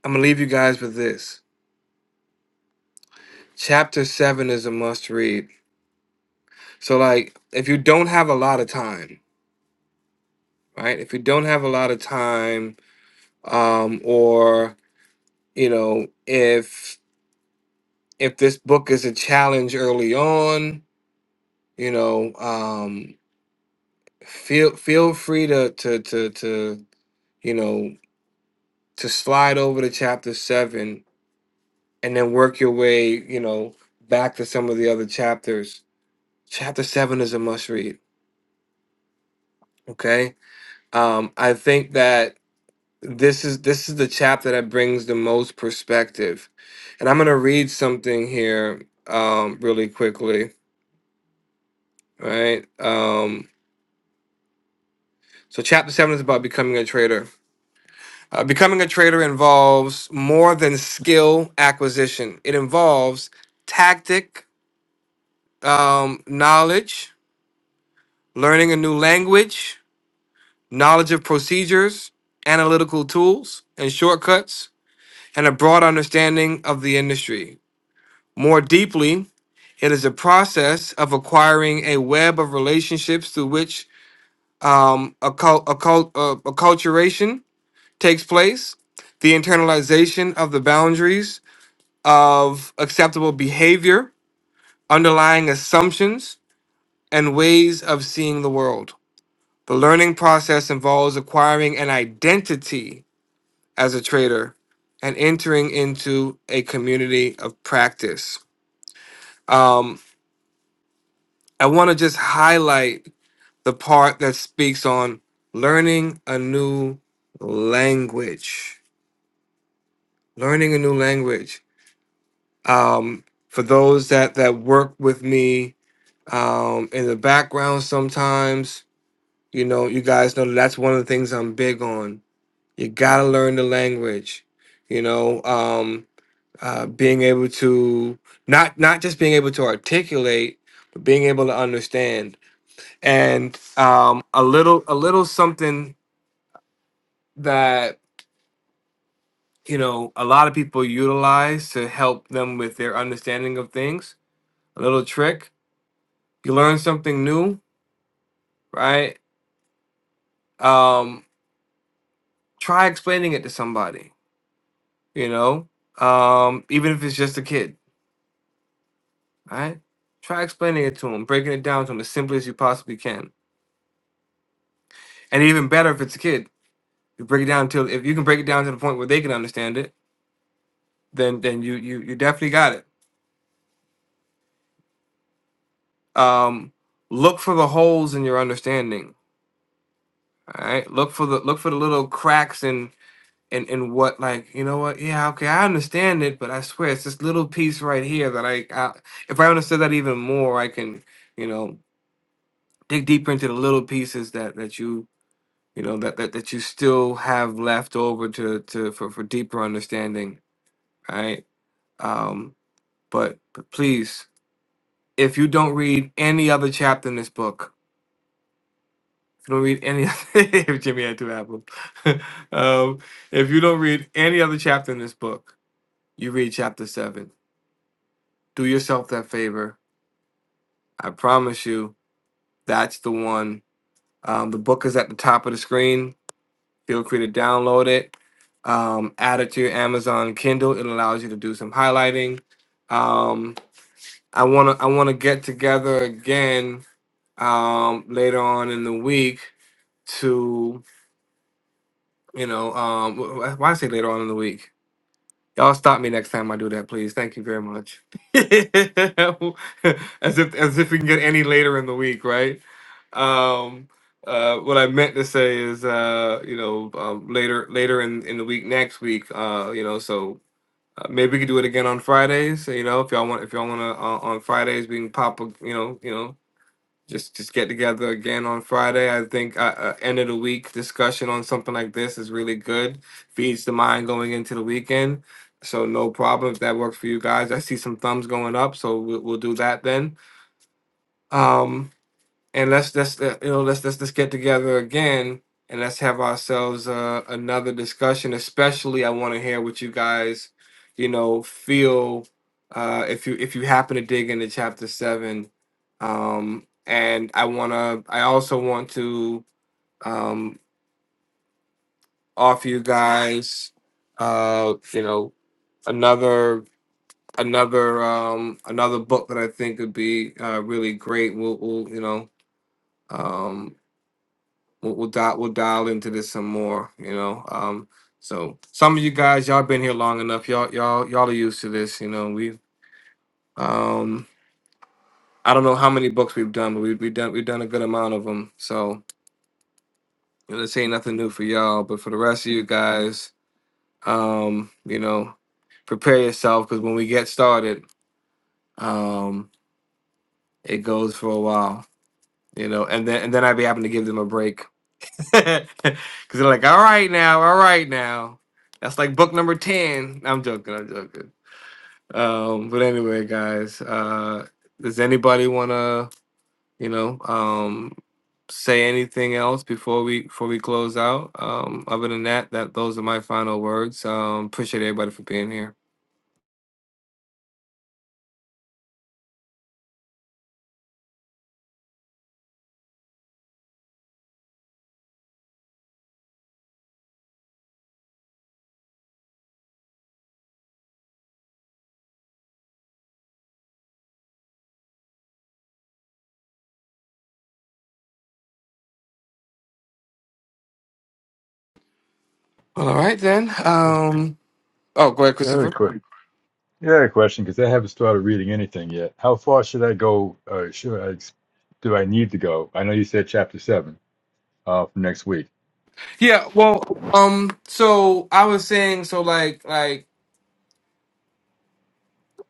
Speaker 1: i'm gonna leave you guys with this chapter 7 is a must read so like if you don't have a lot of time right if you don't have a lot of time um or you know if if this book is a challenge early on, you know, um, feel feel free to to to to you know to slide over to chapter seven and then work your way, you know, back to some of the other chapters. Chapter seven is a must read. Okay, um, I think that this is this is the chapter that brings the most perspective, and I'm gonna read something here um, really quickly. Right. Um, So, chapter seven is about becoming a trader. Uh, becoming a trader involves more than skill acquisition, it involves tactic, um, knowledge, learning a new language, knowledge of procedures, analytical tools, and shortcuts, and a broad understanding of the industry. More deeply, it is a process of acquiring a web of relationships through which um, occult, occult, uh, acculturation takes place, the internalization of the boundaries of acceptable behavior, underlying assumptions, and ways of seeing the world. The learning process involves acquiring an identity as a trader and entering into a community of practice. Um, I want to just highlight the part that speaks on learning a new language. Learning a new language. um, for those that that work with me um, in the background sometimes you know you guys know that's one of the things i'm big on you gotta learn the language you know um, uh, being able to not not just being able to articulate but being able to understand and um, a little a little something that you know a lot of people utilize to help them with their understanding of things a little trick you learn something new right? Um, try explaining it to somebody, you know, um, even if it's just a kid, right? Try explaining it to them, breaking it down to them as simply as you possibly can. And even better if it's a kid, you break it down till if you can break it down to the point where they can understand it, then then you you you definitely got it. Um, look for the holes in your understanding, all right? Look for the look for the little cracks and and what like you know what yeah okay i understand it but i swear it's this little piece right here that i, I if i understood that even more i can you know dig deeper into the little pieces that that you you know that that, that you still have left over to to for, for deeper understanding right um but, but please if you don't read any other chapter in this book if you don't read any <laughs> if jimmy had two apples <laughs> um if you don't read any other chapter in this book you read chapter 7 do yourself that favor. I promise you, that's the one. Um, the book is at the top of the screen. Feel free to download it. Um, add it to your Amazon Kindle. It allows you to do some highlighting. Um, I wanna I wanna get together again um, later on in the week to you know um, wh- wh- why I say later on in the week Y'all stop me next time I do that, please. Thank you very much. <laughs> as if as if we can get any later in the week, right? Um, uh, what I meant to say is, uh, you know, um, later later in, in the week next week, uh, you know, so uh, maybe we could do it again on Fridays. You know, if y'all want, if y'all want to uh, on Fridays, we can pop, a, you know, you know, just just get together again on Friday. I think uh, uh, end of the week discussion on something like this is really good. Feeds the mind going into the weekend. So no problem if that works for you guys. I see some thumbs going up, so we'll, we'll do that then. Um, and let's let's uh, you know let's let's let's get together again and let's have ourselves uh, another discussion. Especially, I want to hear what you guys, you know, feel uh, if you if you happen to dig into chapter seven. Um, and I wanna, I also want to um, offer you guys, uh, you know, another another um another book that i think would be uh really great we'll, we'll you know um we'll, we'll dial we'll dial into this some more. You know, um, so some of you guys, y'all been here long enough. Y'all y'all y'all are used to this. You know, we um, I don't know how many books we've done, but we we done we've done a good amount of them. So you know, this ain't nothing new for y'all, but for the rest of you guys, um, you know, prepare yourself because when we get started, um, it goes for a while. You know, and then and then I'd be having to give them a break <laughs> Because they're like, all right now, all right now. That's like book number 10. I'm joking, I'm joking. Um, but anyway, guys, uh, does anybody want to, you know, um, say anything else before we before we close out? Um, other than that, that those are my final words. Um, appreciate everybody for being here. Well, all right then.
Speaker 5: Yeah,
Speaker 1: Um, oh, go ahead,
Speaker 5: I had a
Speaker 1: Christopher.
Speaker 5: quick, yeah, I had a question because I haven't started reading anything yet. How far should I go? Uh, should I, ex- do I need to go? I know you said chapter seven uh, for next week.
Speaker 1: Yeah. Well, um, so I was saying, so like, like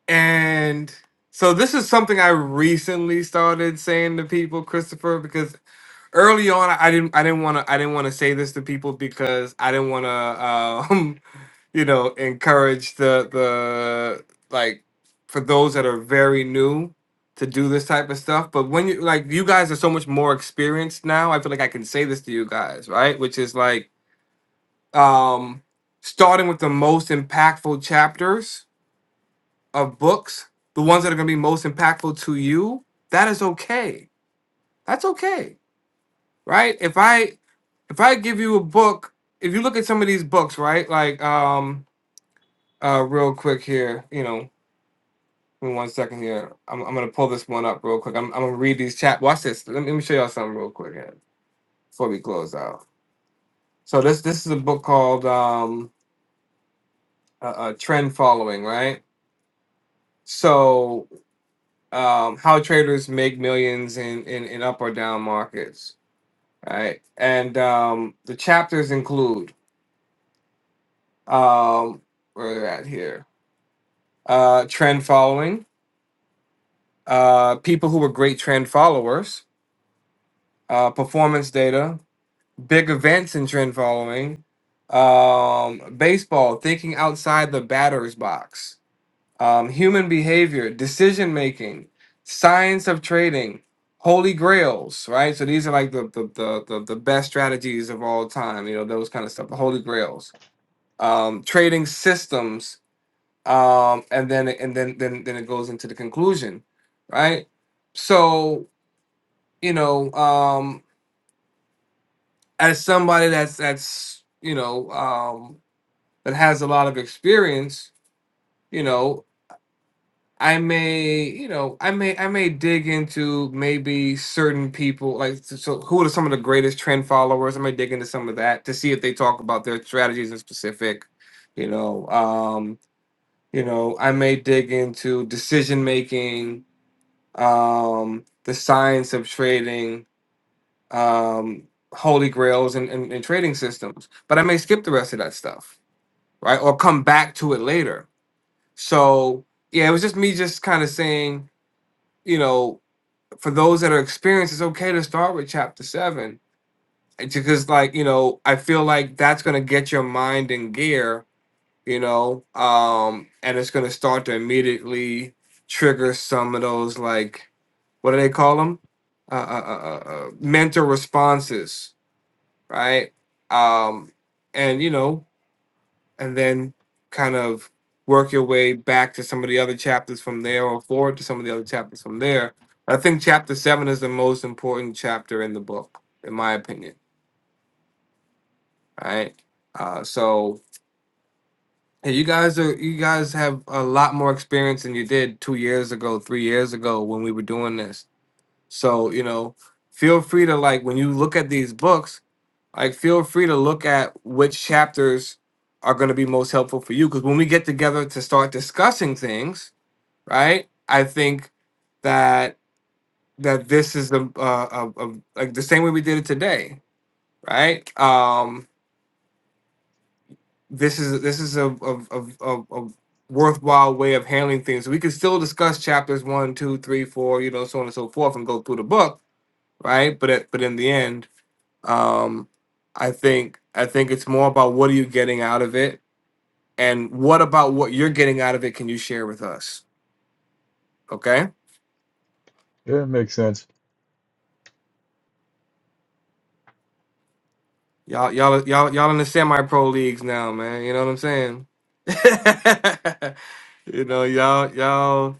Speaker 1: And so this is something I recently started saying to people, Christopher, because early on I didn't I didn't want to I didn't want to say this to people because I didn't want to um, <laughs> you know encourage the the like for those that are very new to do this type of stuff. But when you like you guys are so much more experienced now, I feel like I can say this to you guys, right? Which is like um starting with the most impactful chapters of books, the ones that are going to be most impactful to you, that is okay. That's okay, right? If I if I give you a book, if you look at some of these books, right? Like um uh real quick here, you know, give me one second here. I'm I'm gonna pull this one up real quick. I'm I'm gonna read these chat. Watch this. Let me, let me show y'all something real quick here before we close out. So this this is a book called um uh, uh, Trend Following, right? So um how traders make millions in in, in up or down markets Right, And um, the chapters include um, where are they at here? Uh, trend following, uh, people who were great trend followers, uh, performance data, big events in trend following, um, baseball, thinking outside the batter's box, um, human behavior, decision making, science of trading, holy grails, right? So these are like the, the, the, the, the best strategies of all time, you know, those kind of stuff, the holy grails um, trading systems, um, and then and then then then it goes into the conclusion, right? So you know, um, as somebody that's that's you know um, that has a lot of experience, you know, I may you know I may I may dig into maybe certain people like so so who are some of the greatest trend followers? I may dig into some of that to see if they talk about their strategies in specific. You know, um, You know, I may dig into decision making, um, the science of trading, um, holy grails, and, and, and trading systems. But I may skip the rest of that stuff, right? Or come back to it later. So, yeah, it was just me just kind of saying, you know, for those that are experienced, it's okay to start with chapter seven. eh, Because, like, you know, I feel like that's going to get your mind in gear you know um and it's going to start to immediately trigger some of those like what do they call them uh, uh, uh, uh uh, mental responses right um and you know and then kind of work your way back to some of the other chapters from there or forward to some of the other chapters from there i think chapter seven is the most important chapter in the book in my opinion right uh so Hey, you guys are you guys have a lot more experience than you did two years ago, three years ago when we were doing this. So, you know, feel free to like when you look at these books, like feel free to look at which chapters are going to be most helpful for you because when we get together to start discussing things right i think that that this is the uh, uh, uh, like the same way we did it today right Um. this is this is a of of of of worthwhile way of handling things. We can still discuss chapters one, two, three, four, you know, so on and so forth, and go through the book, right? But at, but in the end, um, I think I think it's more about what are you getting out of it, and what about what you're getting out of it can you share with us? Okay,
Speaker 5: Yeah, it makes sense.
Speaker 1: y'all y'all y'all y'all in the semi pro leagues now, man. You know what I'm saying? <laughs> you know, y'all y'all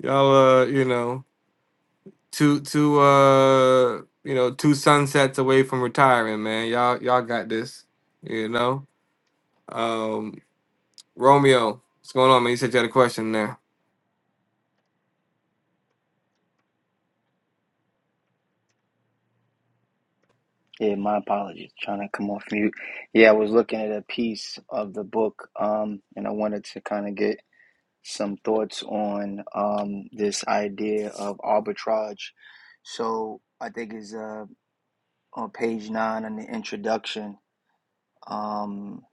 Speaker 1: y'all uh, you know. two two uh you know two sunsets away from retiring, man. Y'all y'all got this. You know, um, Romeo, what's going on, man? You said you had a question there.
Speaker 10: Yeah, my apologies. Trying to come off mute. Yeah, I was looking at a piece of the book, um, and I wanted to kind of get some thoughts on um, this idea of arbitrage. So I think it's uh, on page nine in the introduction, um,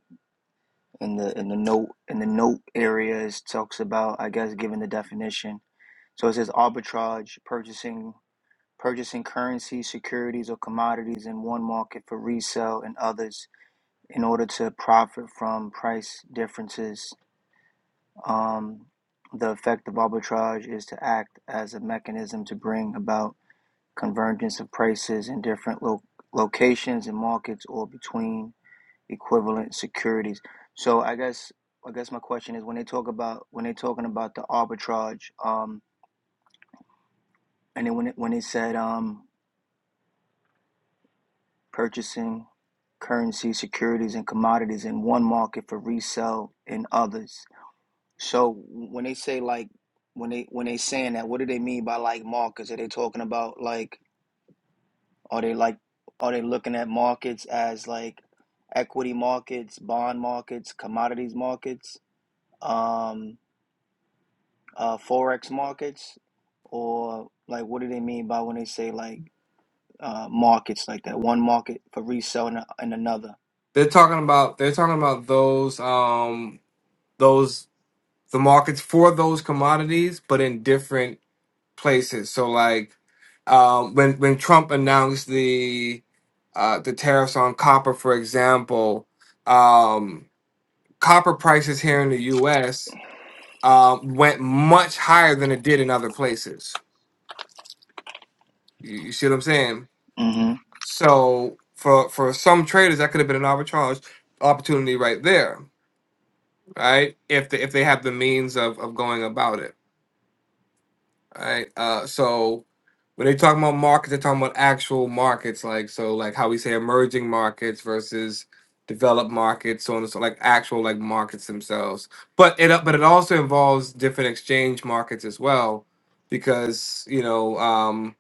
Speaker 10: in the in the note in the note areas talks about, I guess, giving the definition. So it says arbitrage, purchasing purchasing currency, securities, or commodities in one market for resale in others in order to profit from price differences, um, the effect of arbitrage is to act as a mechanism to bring about convergence of prices in different lo- locations and markets or between equivalent securities. So I guess I guess my question is when they talk about when they're talking about the arbitrage, um, and then when it, when they said um, purchasing currency securities and commodities in one market for resale in others So when they say like when they when they saying that, what do they mean by like markets? Are they talking about like are they like are they looking at markets as like equity markets, bond markets, commodities markets, um, uh, forex markets, or like what do they mean by when they say like uh, markets like that? One market for resale and, and another.
Speaker 1: They're talking about they're talking about those um those the markets for those commodities, but in different places. So like um, when when Trump announced the uh, the tariffs on copper, for example, um, copper prices here in the U.S. uh, went much higher than it did in other places. You, you see what I'm saying?
Speaker 10: Mm-hmm.
Speaker 1: So for for some traders, that could have been an arbitrage opportunity right there, right? If they, if they have the means of of going about it. All right. Uh, so when they talking about markets, they're talking about actual markets, like so, like how we say emerging markets versus developed markets, so on and so, like actual like markets themselves. But it uh, but it also involves different exchange markets as well, because you know, um,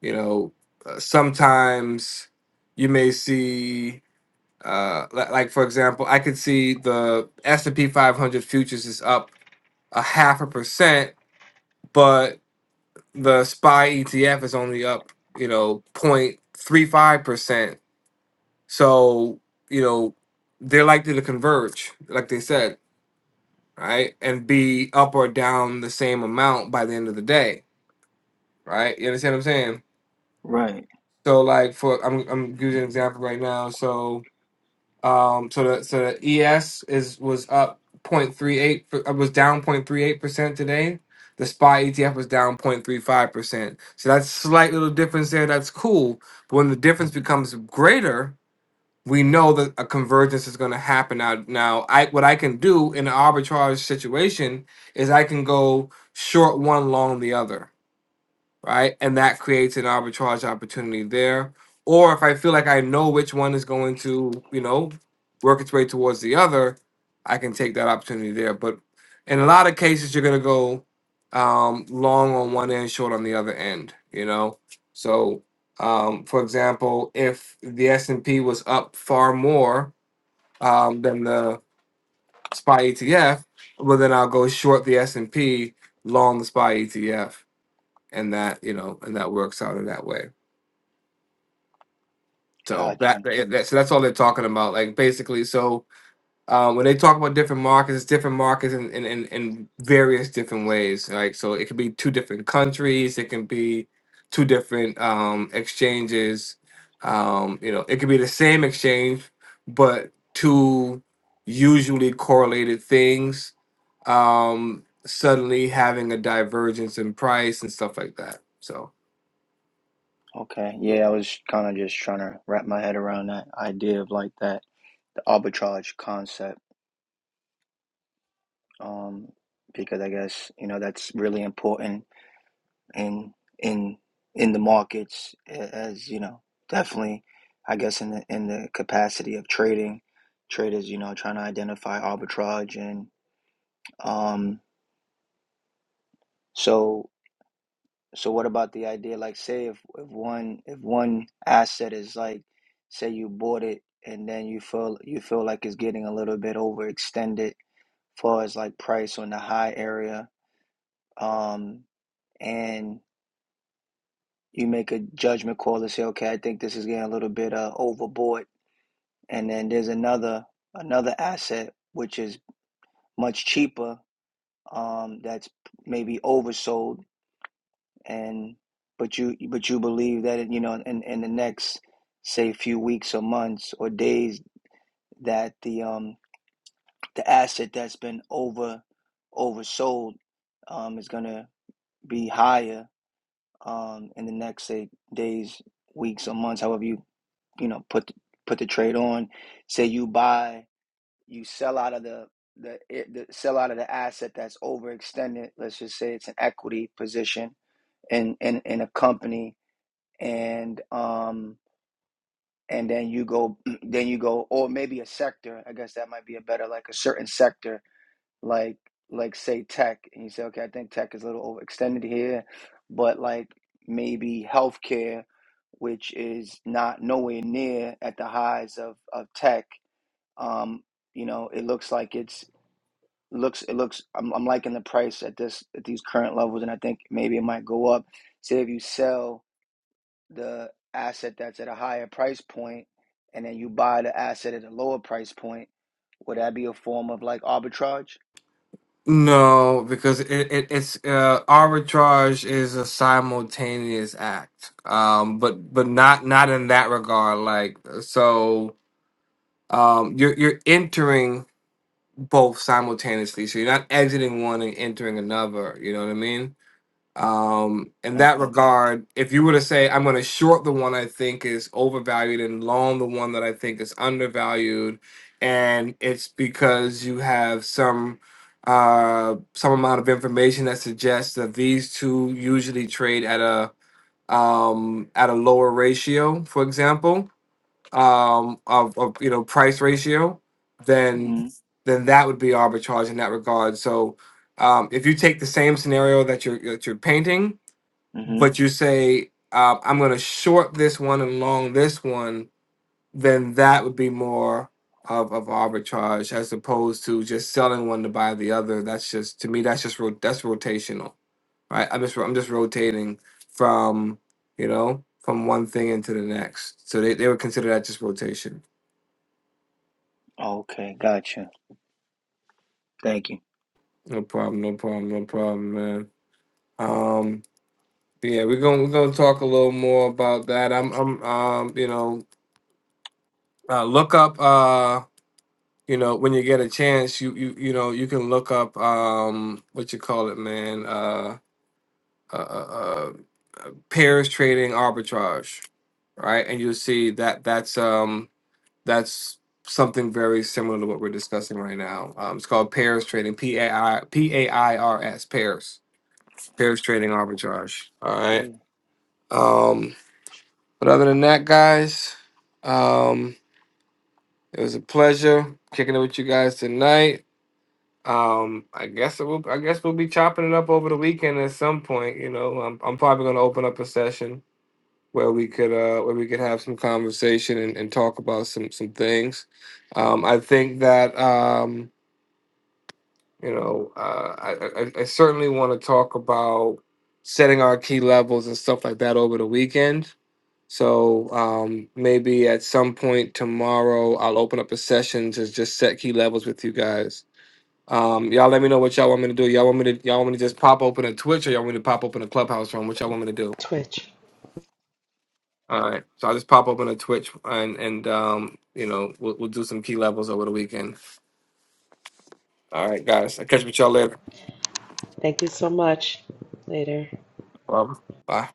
Speaker 1: you know, uh, sometimes you may see. Uh, li- like for example, I could see the S and P 500 futures is up a half a percent, but the SPY ETF is only up, you know, 0.35%. So, you know, they're likely to converge, like they said, right? And be up or down the same amount by the end of the day, right? You understand what I'm saying?
Speaker 10: Right.
Speaker 1: So, like, for I'm, I'm using an example right now. So, Um, so the so the ES is was up point three eight. for- uh, was down point three eight percent today. The SPY ETF was down point three five percent. So that's slight little difference there. That's cool. But when the difference becomes greater, we know that a convergence is going to happen. Now, now I what I can do in an arbitrage situation is I can go short one, long the other right? And that creates an arbitrage opportunity there. Or if I feel like I know which one is going to, you know, work its way towards the other, I can take that opportunity there. But in a lot of cases, you're going to go um, long on one end, short on the other end, you know? So, um, for example, if the S&P was up far more um, than the SPY ETF, well, then I'll go short the S&P, long the SPY ETF and that you know and that works out in that way so that,
Speaker 10: Gotcha.
Speaker 1: that so that's all they're talking about like basically so uh, when they talk about different markets it's different markets in, in, in, in various different ways like so it could be two different countries it can be two different um, exchanges um, you know it could be the same exchange but two usually correlated things um, suddenly having a divergence in price and stuff like that so
Speaker 10: Okay. Yeah, I was kind of just trying to wrap my head around that idea of like that arbitrage concept um, because I guess you know that's really important in in in the markets as you know definitely I guess in the in the capacity of trading traders you know trying to identify arbitrage and um, so so what about the idea like say if, if one if one asset is like say you bought it and then you feel you feel like it's getting a little bit overextended as far as like price on the high area um, and you make a judgment call to say, okay, I think this is getting a little bit uh, overboard. And then there's another another asset which is much cheaper, um, that's maybe oversold, and but you but you believe that it, you know in, in the next say few weeks or months or days that the um the asset that's been over oversold um is gonna be higher um, in the next say days, weeks, or months, however you you know put the, put the trade on. Say you buy, you sell out of the the, eh, the sell out of the asset that's overextended. Let's just say it's an equity position in in, in a company, and um and then you go <clears throat> then you go or maybe a sector. I guess that might be a better like a certain sector like like say tech and you say okay i think tech is a little overextended here but like maybe healthcare which is not nowhere near at the highs of of tech um you know it looks like it's looks it looks i'm, I'm liking the price at this at these current levels and i think maybe it might go up say if you sell the asset that's at a higher price point and then you buy the asset at a lower price point would that be a form of like arbitrage
Speaker 1: No, because it, it it's uh, arbitrage is a simultaneous act. Um, but but not not in that regard. Like uh, so, um, you're you're entering both simultaneously. So you're not exiting one and entering another. You know what I mean? Um, in that
Speaker 10: okay
Speaker 1: regard, if you were to say I'm going to short the one I think is overvalued and long the one that I think is undervalued, and it's because you have some uh some amount of information that suggests that these two usually trade at a um at a lower ratio, for example, um of, of you know price ratio, then then that would be arbitrage in that regard. So um, if you take the same scenario that you're that you're painting
Speaker 10: Mm-hmm.
Speaker 1: but you say um, I'm going to short this one and long this one, then that would be more of, of arbitrage as opposed to just selling one to buy the other. That's just to me that's just ro- that's rotational, right? I'm just I'm just rotating from you know from one thing into the next. So they, they would consider that just rotation.
Speaker 10: Okay, gotcha. Thank you.
Speaker 1: No problem, no problem, no problem, man. Um, yeah, we're gonna we're gonna talk a little more about that. I'm I'm um you know uh, look up. uh. you know when you get a chance you you you know you can look up um what you call it man uh uh uh, uh pairs trading arbitrage right and you'll see that that's um that's something very similar to what we're discussing right now um it's called pairs trading p a i p a i r s pairs pairs trading arbitrage all
Speaker 10: Okay.
Speaker 1: right um but other than that guys um it was a pleasure kicking it with you guys tonight Um, I guess it will. I guess we'll be chopping it up over the weekend at some point. You know, I'm, I'm probably going to open up a session where we could uh where we could have some conversation and, and talk about some some things. Um, I think that um you know uh, I I, I I certainly want to talk about setting our key levels and stuff like that over the weekend. So um, maybe at some point tomorrow, I'll open up a session to just set key levels with you guys um, y'all let me know what y'all want me to do. Y'all want me to y'all want me to just pop open a Twitch or y'all want me to pop open a Clubhouse room? What y'all want me to do?
Speaker 2: Twitch.
Speaker 1: All right, so I'll just pop open a Twitch and and um, you know, we'll, we'll do some key levels over the weekend. All right, guys, I'll catch up with y'all later.
Speaker 2: Thank you so much. Later.
Speaker 1: Um, bye.